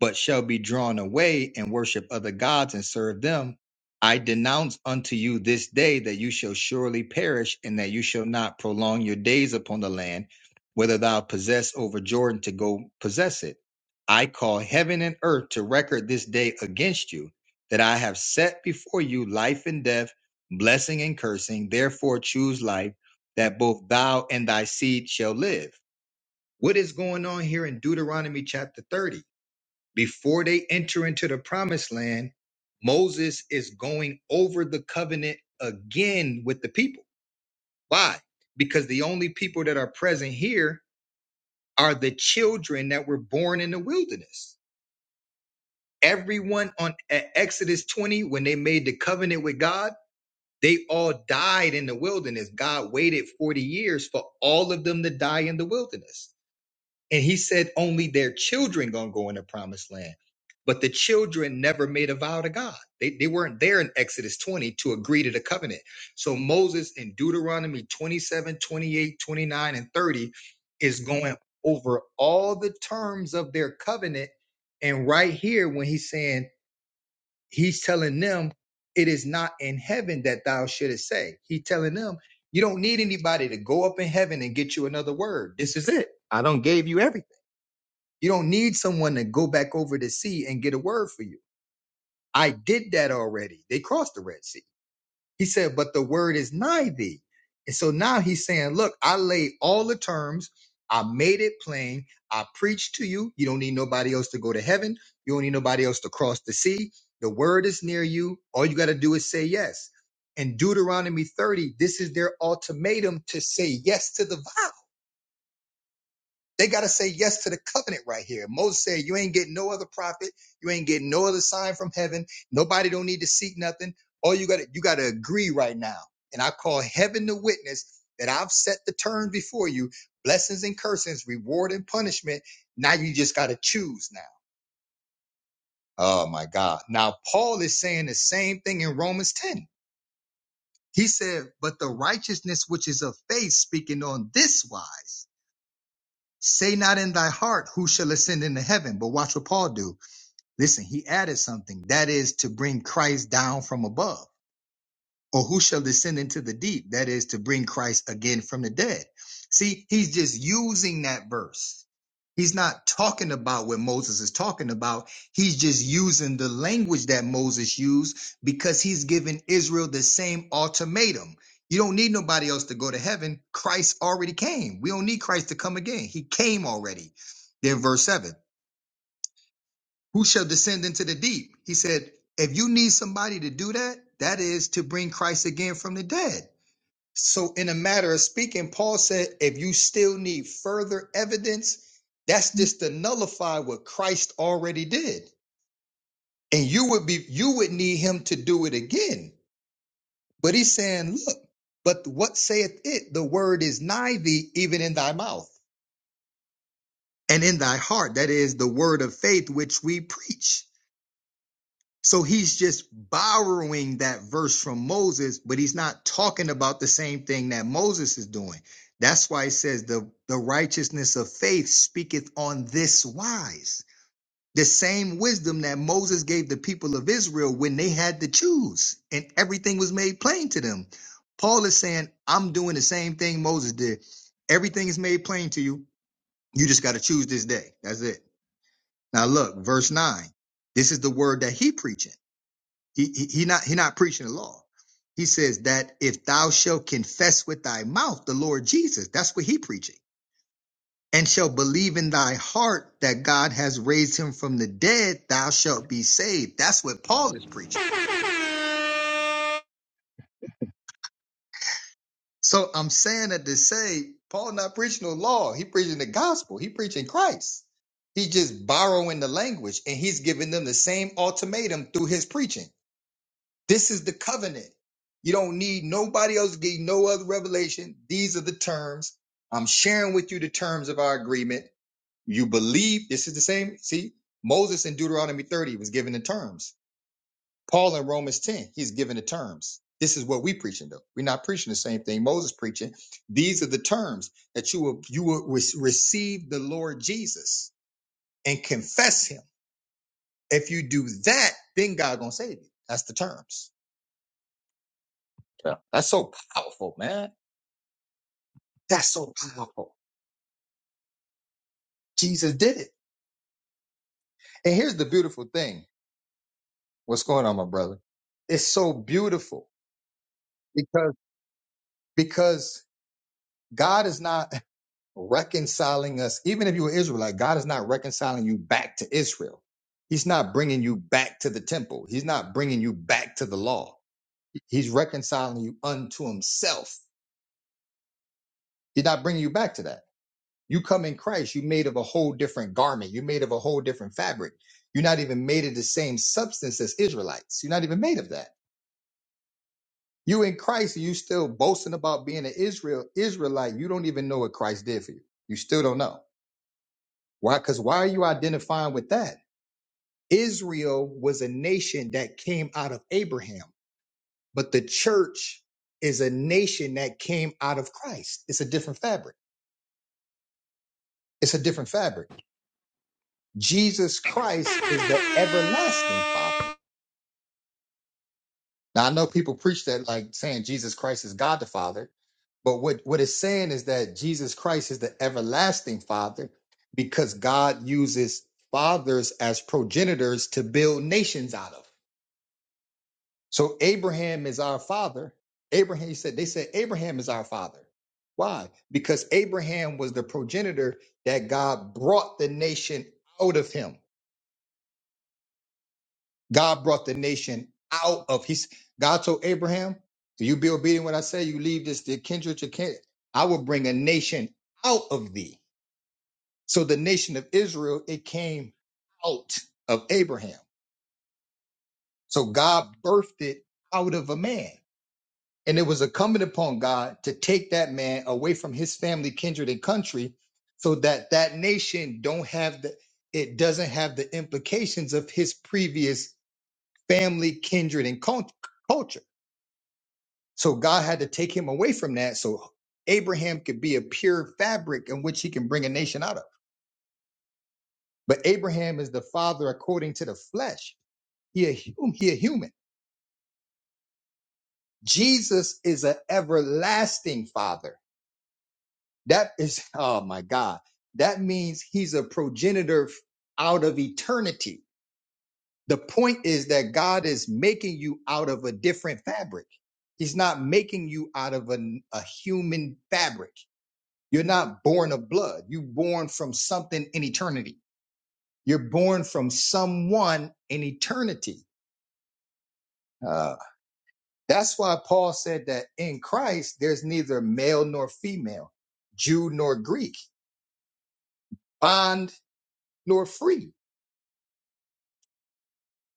A: but shall be drawn away and worship other gods and serve them, I denounce unto you this day that you shall surely perish, and that you shall not prolong your days upon the land, whether thou possess over Jordan to go possess it. I call heaven and earth to record this day against you, that I have set before you life and death, blessing and cursing. Therefore choose life that both thou and thy seed shall live. What is going on here in Deuteronomy chapter 30? Before they enter into the promised land, Moses is going over the covenant again with the people. Why? Because the only people that are present here are the children that were born in the wilderness. Everyone on at Exodus 20, when they made the covenant with God, they all died in the wilderness. God waited 40 years for all of them to die in the wilderness And he said only their children gonna go in the promised land. But the children never made a vow to God. They, they weren't there in Exodus 20 to agree to the covenant. So Moses in Deuteronomy 27, 28, 29, and 30 is going over all the terms of their covenant. And right here, when he's saying, he's telling them, it is not in heaven that thou shouldest say. He telling them, you don't need anybody to go up in heaven and get you another word. This is it. I don't gave you everything. You don't need someone to go back over the sea and get a word for you. I did that already. They crossed the Red Sea. He said, but the word is nigh thee. And so now he's saying, look, I laid all the terms. I made it plain. I preached to you. You don't need nobody else to go to heaven. You don't need nobody else to cross the sea. The word is near you. All you got to do is say yes. In Deuteronomy 30, this is their ultimatum to say yes to the violence. They got to say yes to the covenant right here. Moses said, You ain't getting no other prophet. You ain't getting no other sign from heaven. Nobody don't need to seek nothing. All you got to you got to agree right now. And I call heaven to witness that I've set the terms before you, blessings and cursings, reward and punishment. Now you just got to choose now. Oh my God. Now Paul is saying the same thing in Romans 10. He said, But the righteousness which is of faith, speaking on this wise. Say not in thy heart, who shall ascend into heaven? But watch what Paul do. Listen, he added something. That is to bring Christ down from above or who shall descend into the deep? That is to bring Christ again from the dead. See, he's just using that verse. He's not talking about what Moses is talking about. He's just using the language that Moses used because he's giving Israel the same ultimatum. You don't need nobody else to go to heaven. Christ already came. We don't need Christ to come again. He came already. Then verse 7 Who shall descend into the deep? He said, If you need somebody to do that, that is to bring Christ again from the dead. So, in a matter of speaking, Paul said, if you still need further evidence, that's just to nullify what Christ already did. And you would be you would need him to do it again. But he's saying, Look, but what saith it? The word is nigh thee, even in thy mouth and in thy heart. That is the word of faith which we preach. So he's just borrowing that verse from Moses, but he's not talking about the same thing that Moses is doing. That's why it says the, the righteousness of faith speaketh on this wise. The same wisdom that Moses gave the people of Israel when they had to choose and everything was made plain to them. Paul is saying, I'm doing the same thing Moses did. Everything is made plain to you. You just got to choose this day. That's it. Now look, verse nine. This is the word that he preaching. He, he, he not he not preaching the law. He says that if thou shalt confess with thy mouth the Lord Jesus, that's what he preaching, and shall believe in thy heart that God has raised him from the dead, thou shalt be saved. That's what Paul is preaching. So I'm saying that to say Paul not preaching the law, he preaching the gospel, he preaching Christ. He's just borrowing the language and he's giving them the same ultimatum through his preaching. This is the covenant. You don't need nobody else to give you no other revelation. These are the terms. I'm sharing with you the terms of our agreement. You believe this is the same. See, Moses in Deuteronomy 30 was given the terms. Paul in Romans 10, he's given the terms. This is what we preaching though. We're not preaching the same thing Moses preaching. These are the terms that you will you will re- receive the Lord Jesus and confess him. If you do that, then God gonna save you. That's the terms. Yeah. That's so powerful, man. That's so powerful. Jesus did it. And here's the beautiful thing. What's going on, my brother? It's so beautiful because because God is not reconciling us. Even if you were Israelite, God is not reconciling you back to Israel. He's not bringing you back to the temple. He's not bringing you back to the law. He's reconciling you unto himself. He's not bringing you back to that. You come in Christ, you are made of a whole different garment. You're made of a whole different fabric. You're not even made of the same substance as Israelites. You're not even made of that. You in Christ, you still boasting about being an Israel Israelite. You don't even know what Christ did for you. You still don't know. Why? Because why are you identifying with that? Israel was a nation that came out of Abraham, but the church is a nation that came out of Christ. It's a different fabric. It's a different fabric. Jesus Christ is the everlasting Father. Now I know people preach that like saying Jesus Christ is God the Father, but what what it's saying is that Jesus Christ is the everlasting Father because God uses fathers as progenitors to build nations out of. So Abraham is our father. Abraham he said they said Abraham is our father. Why? Because Abraham was the progenitor that God brought the nation out of him. God brought the nation out of his. God told Abraham, "Do you be obedient when I say you leave this the kindred to kindred? I will bring a nation out of thee." So the nation of Israel it came out of Abraham. So God birthed it out of a man, and it was incumbent upon God to take that man away from his family, kindred, and country, so that that nation don't have the it doesn't have the implications of his previous family, kindred, and cult- culture. So God had to take him away from that so Abraham could be a pure fabric in which he can bring a nation out of. But Abraham is the father according to the flesh. He a, hum- he a human. Jesus is an everlasting father. That is, oh my God. That means he's a progenitor f- out of eternity. The point is that God is making you out of a different fabric. He's not making you out of an- a human fabric. You're not born of blood. You're born from something in eternity. You're born from someone in eternity. Uh, that's why Paul said that in Christ, there's neither male nor female, Jew nor Greek, bond nor free.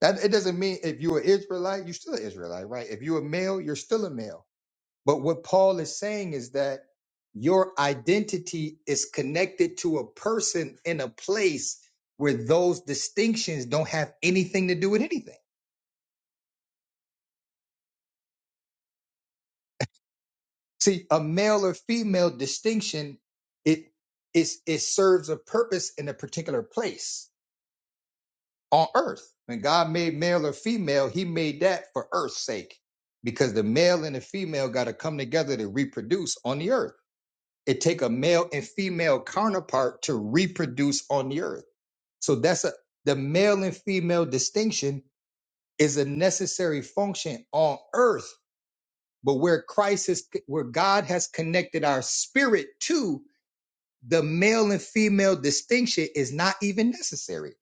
A: That it doesn't mean if you're an Israelite, you're still an Israelite, right? If you're a male, you're still a male. But what Paul is saying is that your identity is connected to a person in a place where those distinctions don't have anything to do with anything. See, a male or female distinction, it is it serves a purpose in a particular place on earth. When God made male or female, he made that for earth's sake. Because the male and the female gotta come together to reproduce on the earth. it take a male and female counterpart to reproduce on the earth so that's a the male and female distinction is a necessary function on earth but where christ is where god has connected our spirit to the male and female distinction is not even necessary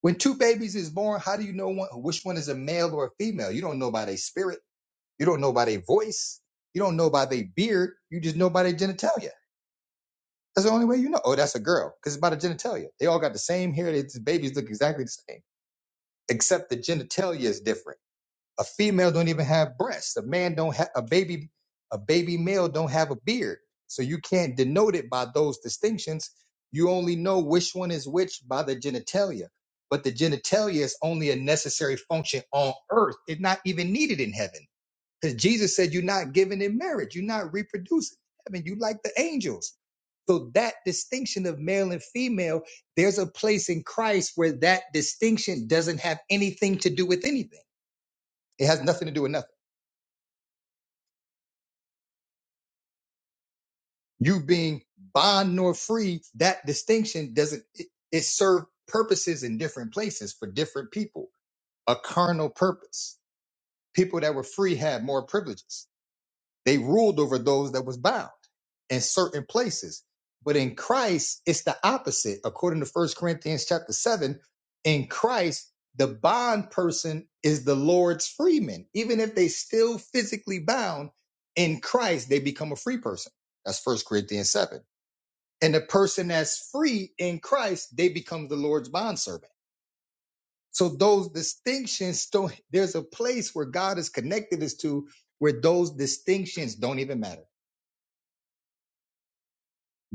A: when two babies is born how do you know one, which one is a male or a female you don't know by their spirit you don't know by their voice you don't know by their beard you just know by their genitalia That's the only way you know. Oh, that's a girl because it's by the genitalia. They all got the same hair. They, the babies look exactly the same, except the genitalia is different. A female don't even have breasts. A man don't have a baby. A baby male don't have a beard. So you can't denote it by those distinctions. You only know which one is which by the genitalia. But the genitalia is only a necessary function on earth. It's not even needed in heaven. Because Jesus said, You're not giving in marriage, you're not reproducing. I mean, you like the angels. So that distinction of male and female, there's a place in Christ where that distinction doesn't have anything to do with anything. It has nothing to do with nothing. You being bond nor free, that distinction doesn't it, it serve purposes in different places for different people, a carnal purpose. People that were free had more privileges They ruled over those that was bound in certain places. But in Christ, it's the opposite. According to First Corinthians chapter 7, in Christ, the bond person is the Lord's freeman. Even if they still physically bound, in Christ, they become a free person. That's First Corinthians 7. And the person that's free in Christ, they become the Lord's bondservant. So those distinctions don't there's a place where God has connected us to where those distinctions don't even matter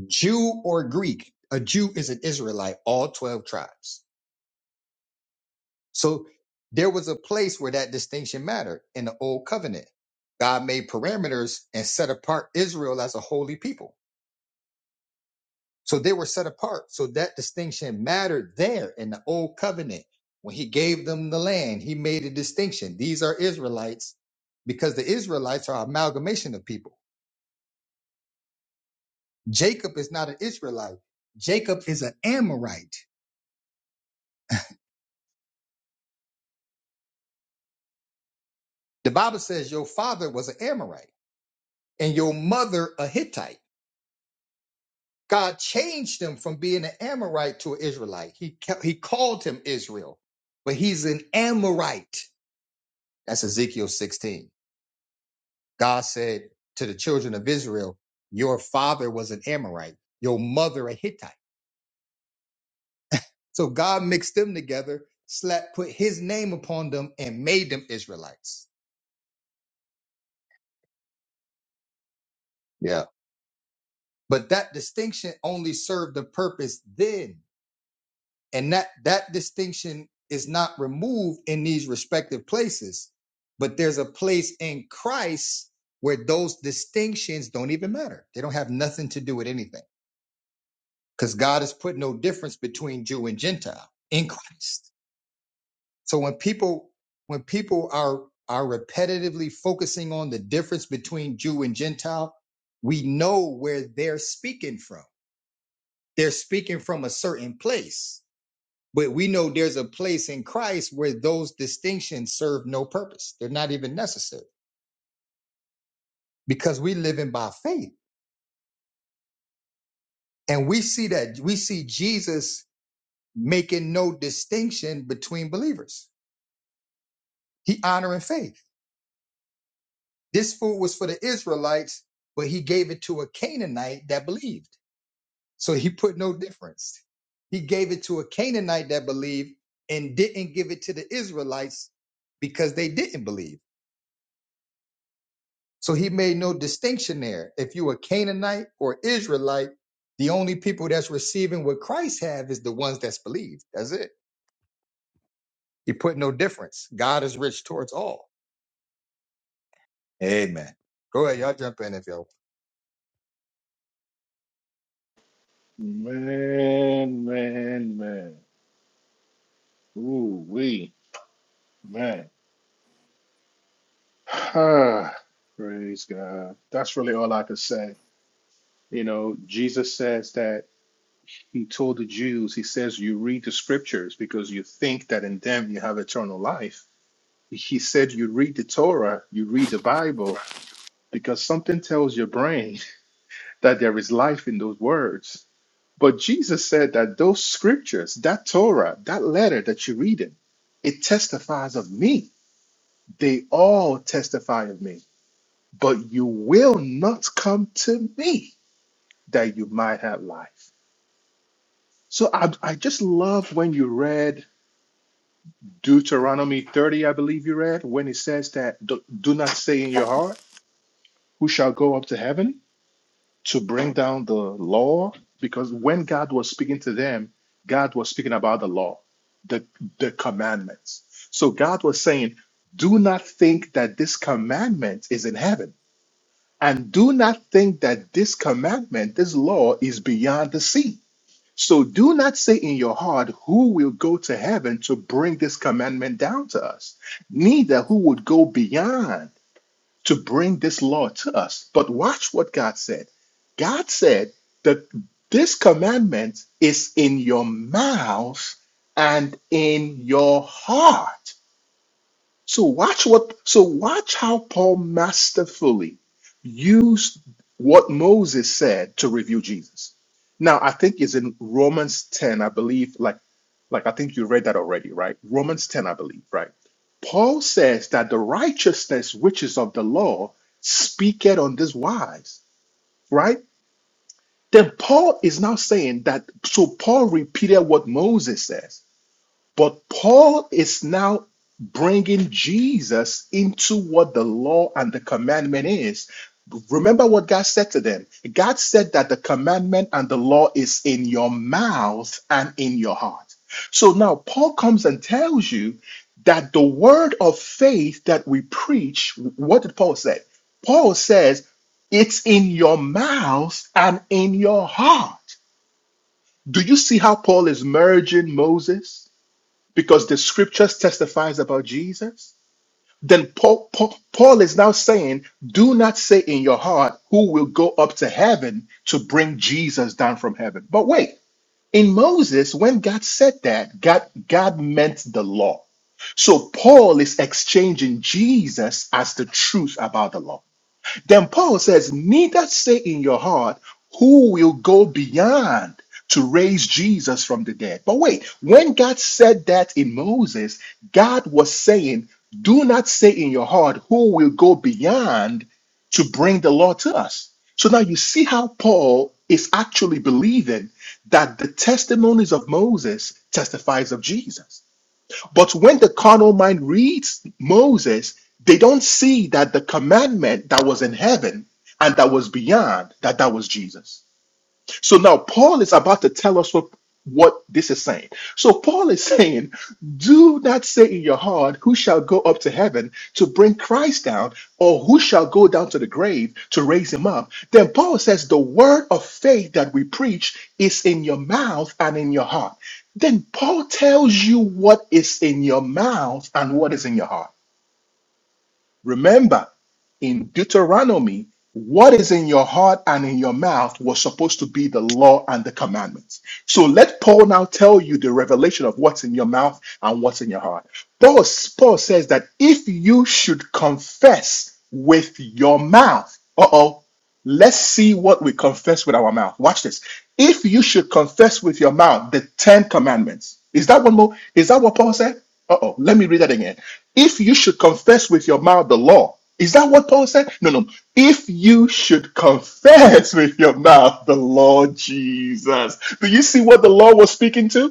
A: Jew or Greek. A Jew is an Israelite, all 12 tribes. So there was a place where that distinction mattered in the old covenant. God made parameters and set apart Israel as a holy people. So they were set apart. So that distinction mattered there in the old covenant. When he gave them the land, he made a distinction. These are Israelites because the Israelites are amalgamation of people. Jacob is not an Israelite. Jacob is an Amorite. The Bible says your father was an Amorite. and your mother a Hittite. God changed him from being an Amorite to an Israelite. He, ca- he called him Israel, but he's an Amorite. That's Ezekiel 16. God said to the children of Israel, Your father was an Amorite, your mother a Hittite. So God mixed them together, slapped, put his name upon them, and made them Israelites. Yeah. But that distinction only served the purpose then and that that distinction is not removed in these respective places but there's a place in christ where those distinctions don't even matter they don't have nothing to do with anything because god has put no difference between jew and gentile in christ so when people when people are are repetitively focusing on the difference between jew and gentile we know where they're speaking from they're speaking from a certain place But we know there's a place in Christ where those distinctions serve no purpose. They're not even necessary because we live in by faith. And we see that we see Jesus making no distinction between believers. He honoring faith. This food was for the Israelites, but he gave it to a Canaanite that believed. So he put no difference. He gave it to a Canaanite that believed and didn't give it to the Israelites because they didn't believe. So he made no distinction there. If you a Canaanite or Israelite, the only people that's receiving what Christ have is the ones that's believed. That's it. He put no difference. God is rich towards all. Amen. Go ahead, y'all jump in if y'all.
B: Man, man, man. Ooh, we, man. Ah, Praise God. That's really all I could say. You know, Jesus says that he told the Jews, he says, you read the scriptures because you think that in them you have eternal life. He said, you read the Torah, you read the Bible because something tells your brain that there is life in those words. But Jesus said that those scriptures, that Torah, that letter that you're reading, it testifies of me. They all testify of me. But you will not come to me that you might have life. So I, I just love when you read Deuteronomy 30, I believe you read, when it says that do, do not say in your heart, who shall go up to heaven? to bring down the law because when God was speaking to them, God was speaking about the law, the, the commandments. So God was saying, Do not think that this commandment is in heaven, and do not think that this commandment, this law, is beyond the sea. So do not say in your heart, Who will go to heaven to bring this commandment down to us? Neither who would go beyond to bring this law to us. But watch what God said. God said that this commandment is in your mouth and in your heart. So watch what so watch how Paul masterfully used what Moses said to review Jesus. Now I think it's in Romans 10, I believe, like like I think you read that already, right? Romans 10, I believe, right? Paul says that the righteousness which is of the law speaketh on this wise, right? Then Paul is now saying that, so Paul repeated what Moses says. But Paul is now bringing Jesus into what the law and the commandment is. Remember what God said to them. God said that the commandment and the law is in your mouth and in your heart. So now Paul comes and tells you that the word of faith that we preach, what did Paul say? Paul says, it's in your mouth and in your heart. Do you see how Paul is merging Moses? because the scriptures testifies about Jesus, then Paul, Paul, Paul is now saying, do not say in your heart who will go up to heaven to bring Jesus down from heaven. But wait, in Moses, when God said that, God, God meant the law. So Paul is exchanging Jesus as the truth about the law. Then Paul says, Neither say in your heart, Who will go beyond to raise Jesus from the dead? But wait, when God said that in Moses, God was saying, Do not say in your heart, Who will go beyond to bring the law to us? So now you see how Paul is actually believing that the testimonies of Moses testifies of Jesus. But when the carnal mind reads Moses, they don't see that the commandment that was in heaven and that was beyond, that that was Jesus. So now Paul is about to tell us what, what this is saying. So Paul is saying, Do not say in your heart, Who shall go up to heaven to bring Christ down, or who shall go down to the grave to raise him up? Then Paul says, The word of faith that we preach is in your mouth and in your heart. Then Paul tells you what is in your mouth and what is in your heart. Remember, in Deuteronomy, what is in your heart and in your mouth was supposed to be the law and the commandments. So let Paul now tell you the revelation of what's in your mouth and what's in your heart. Paul, Paul says that if you should confess with your mouth, uh oh, let's see what we confess with our mouth. Watch this. If you should confess with your mouth the Ten Commandments, is that one more? Is that what Paul said? Uh oh, let me read that again if you should confess with your mouth the law, is that what Paul said? No, no. If you should confess with your mouth the Lord Jesus. Do you see what the law was speaking to?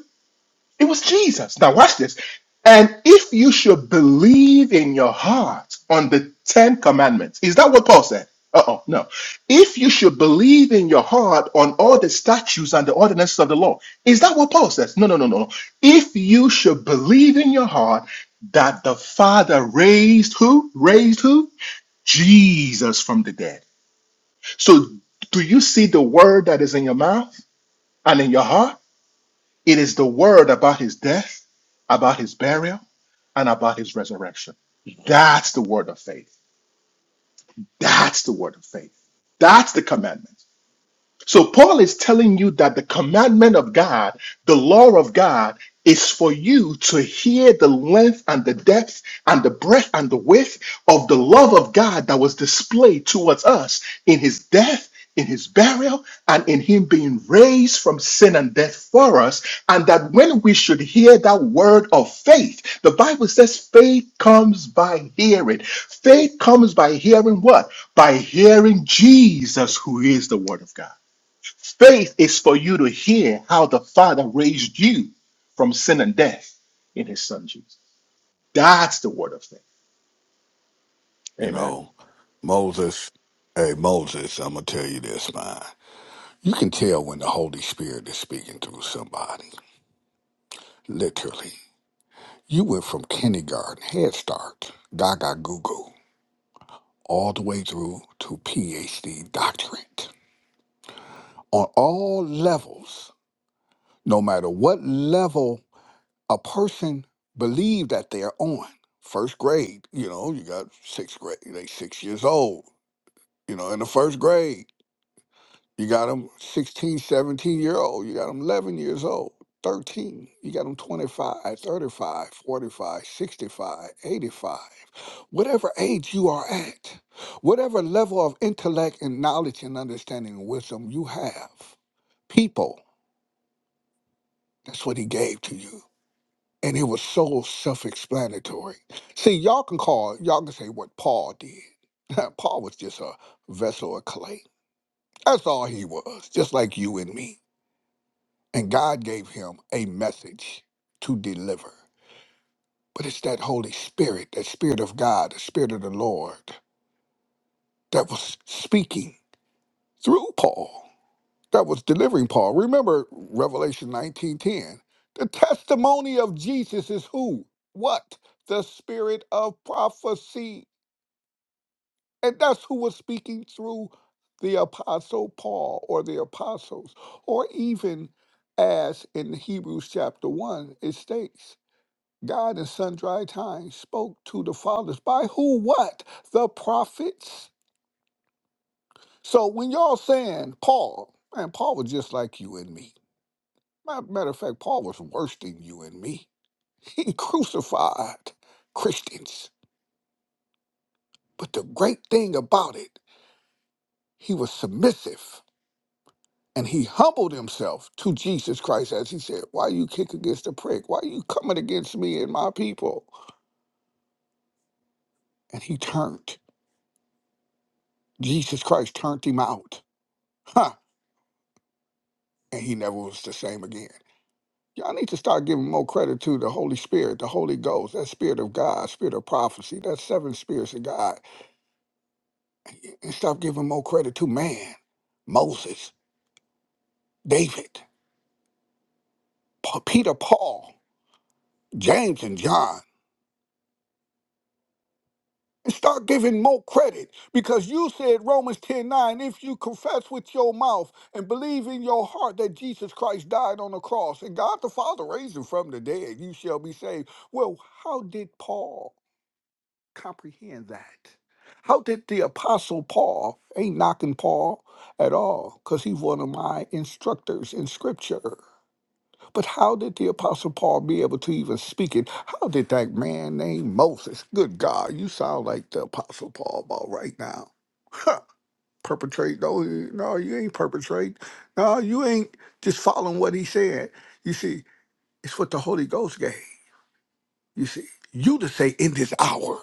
B: It was Jesus. Now watch this. And if you should believe in your heart on the Ten Commandments, is that what Paul said? Uh oh, no. If you should believe in your heart on all the statutes and the ordinances of the law, is that what Paul says? No, no, no, no. no. If you should believe in your heart that the Father raised who? Raised who? Jesus from the dead. So do you see the word that is in your mouth and in your heart? It is the word about his death, about his burial, and about his resurrection. That's the word of faith. That's the word of faith. That's the commandment. So Paul is telling you that the commandment of God, the law of God, is for you to hear the length and the depth and the breadth and the width of the love of God that was displayed towards us in his death, in his burial, and in him being raised from sin and death for us. And that when we should hear that word of faith, the Bible says faith comes by hearing. Faith comes by hearing what? By hearing Jesus, who is the word of God. Faith is for you to hear how the Father raised you from sin and death in his son Jesus. That's the word of faith.
F: You
B: Amen.
F: know, Moses, hey, Moses, I'm going to tell you this, man. You can tell when the Holy Spirit is speaking through somebody, literally. You went from kindergarten, Head Start, Gaga Goo Goo, all the way through to PhD doctorate. On all levels, no matter what level a person believe that they're on, first grade, you know, you got sixth grade, they six years old, you know, in the first grade You got them 16, 17 year old. You got them 11 years old, 13. You got them 25, 35, 45, 65, 85. Whatever age you are at, whatever level of intellect and knowledge and understanding and wisdom you have, people, that's what he gave to you. And it was so self explanatory. See, y'all can call, y'all can say what Paul did. Paul was just a vessel of clay. That's all he was, just like you and me. And God gave him a message to deliver. But it's that Holy Spirit, that Spirit of God, the Spirit of the Lord, that was speaking through Paul, that was delivering Paul. Remember Revelation 19:10. The testimony of Jesus is who? What? The spirit of prophecy. And that's who was speaking through the apostle Paul or the apostles, or even as in Hebrews chapter 1 it states. God in sundry times spoke to the fathers by who? What? The prophets. So when y'all saying Paul, man, Paul was just like you and me. Ma- Matter of fact, Paul was worse than you and me. He crucified Christians. But the great thing about it, he was submissive and he humbled himself to Jesus Christ as he said, Why you kick against the prick? Why you coming against me and my people? And he turned. Jesus Christ turned him out. Huh. and he never was the same again. Y'all need to start giving more credit to the Holy Spirit, the Holy Ghost, that Spirit of God, Spirit of prophecy, that seven spirits of God, and stop giving more credit to man, Moses, David, Pa- Peter, Paul, James, and John. And start giving more credit because you said Romans ten nine. if you confess with your mouth and believe in your heart that Jesus Christ died on the cross and God the Father raised him from the dead, you shall be saved. Well, how did Paul? comprehend that. How did the apostle Paul ain't knocking Paul at all, because he's one of my instructors in scripture. But how did the apostle Paul be able to even speak it? How did that man named Moses? Good God, you sound like the apostle Paul about right now. Huh. Perpetrate? No, you- no, you ain't perpetrate. No, you ain't just following what he said. You see, it's what the Holy Ghost gave. You see, you to say in this hour.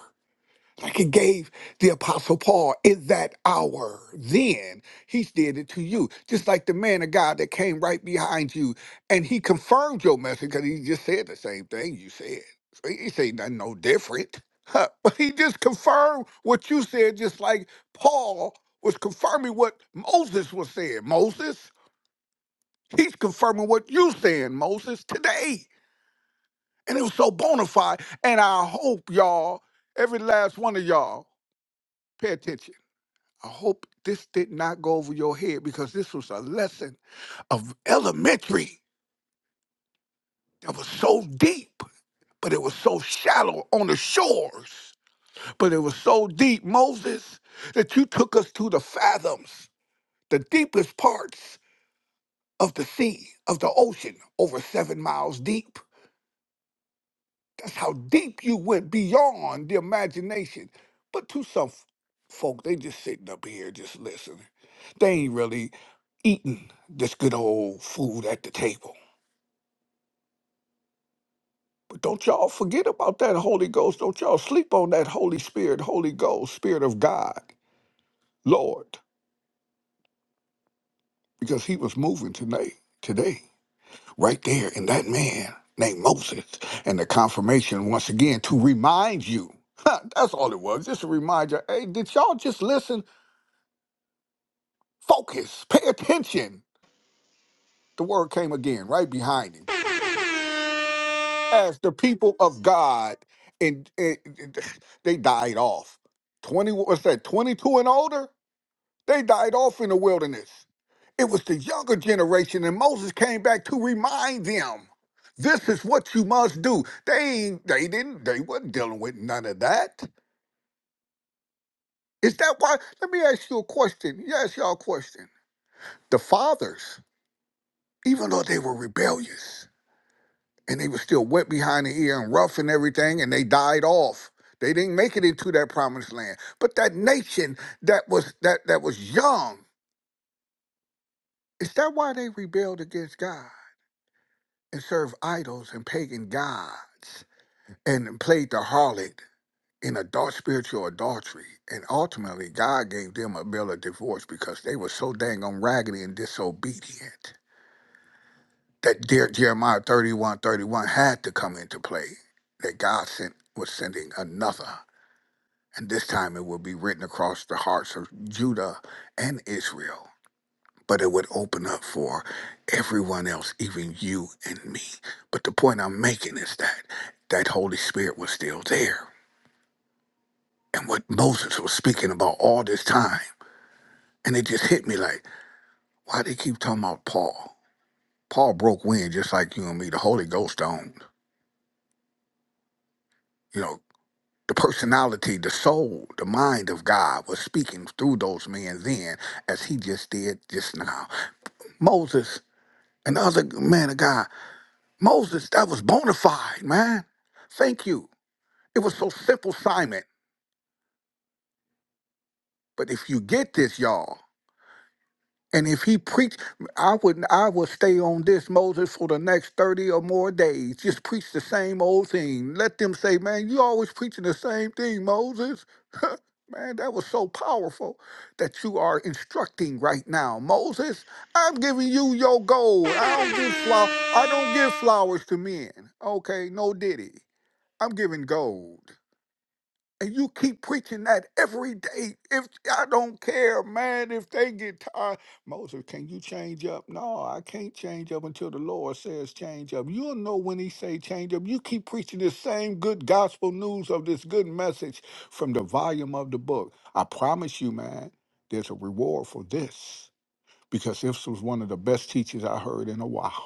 F: like it gave the apostle paul in that hour then he did it to you just like the man of god that came right behind you and he confirmed your message because he just said the same thing you said so he ain't say nothing no different huh. but he just confirmed what you said just like paul was confirming what moses was saying moses he's confirming what you saying moses today and it was so bona fide and i hope y'all every last one of y'all pay attention I hope this did not go over your head because this was a lesson of elementary that was so deep, but it was so shallow on the shores. But it was so deep, Moses, that you took us to the fathoms, the deepest parts of the sea, of the ocean, over seven miles deep. That's how deep you went beyond the imagination. But to some f- folk, they just sitting up here just listening. They ain't really eating this good old food at the table. But don't y'all forget about that Holy Ghost. Don't y'all sleep on that Holy Spirit, Holy Ghost, Spirit of God, Lord, because he was moving tonight, today, right there in that man named Moses. And the confirmation, once again, to remind you. That's all it was, just a reminder. Hey, did y'all just listen Focus, pay attention. The word came again right behind him. As the people of God, and, and- and they died off. 20, what's that, 22 and older? They died off in the wilderness. It was the younger generation, and Moses came back to remind them this is what you must do. They ain't, they didn't, they wasn't dealing with none of that. Is that why? Let me ask you a question. Yes, y'all a question. The fathers, even though they were rebellious, and they were still wet behind the ear and rough and everything, and they died off. They didn't make it into that promised land. But that nation that was that that was young, is that why they rebelled against God and served idols and pagan gods and played the harlot in adult spiritual adultery? And ultimately, God gave them a bill of divorce because they were so dang on raggedy and disobedient that dear Jeremiah 31 31 had to come into play. That God sent was sending another. and this time it would be written across the hearts of Judah and Israel. But it would open up for everyone else, even you and me. But the point I'm making is that that Holy Spirit was still there. And what Moses was speaking about all this time. And it just hit me like, why they keep talking about Paul? Paul broke wind just like you and me. The Holy Ghost owned. You know, the personality, the soul, the mind of God was speaking through those men then as he just did just now. Moses and the other man of God. Moses, that was bona fide, man. Thank you. It was so simple, Simon. But if you get this, y'all, And if he preached, I would I would stay on this Moses for the next thirty or more days. Just preach the same old thing. Let them say, "Man, you always preaching the same thing, Moses." Man, that was so powerful that you are instructing right now, Moses. I'm giving you your gold. I don't give flower. I don't give flowers to men. Okay, no diddy. I'm giving gold and you keep preaching that every day. If I don't care, man, if they get tired, Moses, can you change up? No, I can't change up until the Lord says change up. You'll know when He say change up. You keep preaching the same good gospel news of this good message from the volume of the book. I promise you, man, there's a reward for this because this was one of the best teachers I heard in a while.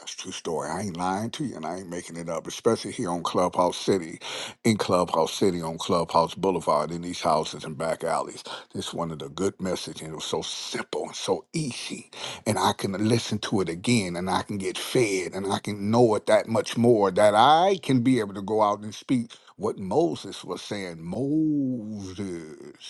F: That's a true story. I ain't lying to you, and I ain't making it up. Especially here on Clubhouse City, in Clubhouse City, on Clubhouse Boulevard, in these houses and back alleys. This one of the good message, and it was so simple and so easy. And I can listen to it again, and I can get fed, and I can know it that much more that I can be able to go out and speak what Moses was saying. Moses.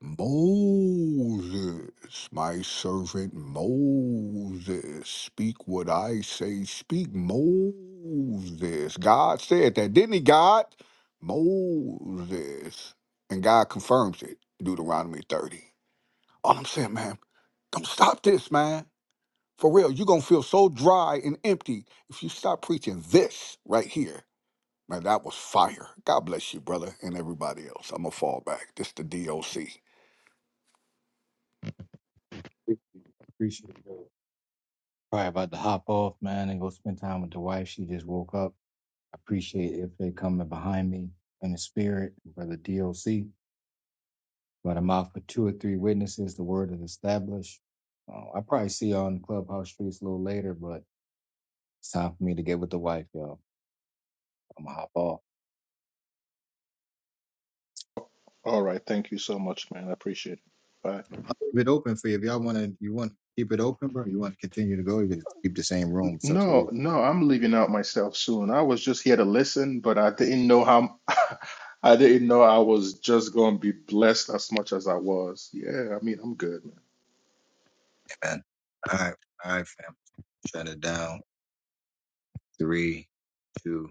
F: Moses, my servant Moses, speak what I say, speak Moses. God said that, didn't he, God? Moses. And God confirms it, Deuteronomy 30. All I'm saying, man, don't stop this, man. For real, you're going to feel so dry and empty if you stop preaching this right here. Man, that was fire. God bless you, brother, and everybody else. I'm going to fall back. This the DOC.
A: Probably about to hop off, man, and go spend time with the wife. She just woke up. I appreciate if they coming behind me in the spirit, brother DOC. But I'm out for two or three witnesses. The word is established. Uh, I probably see you on the clubhouse streets a little later, but It's time for me to get with the wife, y'all. I'm gonna hop off.
B: All right. Thank you so much, man. I appreciate it. Bye.
A: I'll leave it open for you if y'all want to. You want to keep it open, bro? You want to continue to go? You can keep the same room.
B: N-
A: It's up to
B: No,
A: you,
B: no, I'm leaving out myself soon. I was just here to listen, but I didn't know how I didn't know I was just going to be blessed as much as I was. Yeah, I mean, I'm good.
A: man. All right, all right, fam. Shut it down. Three, two.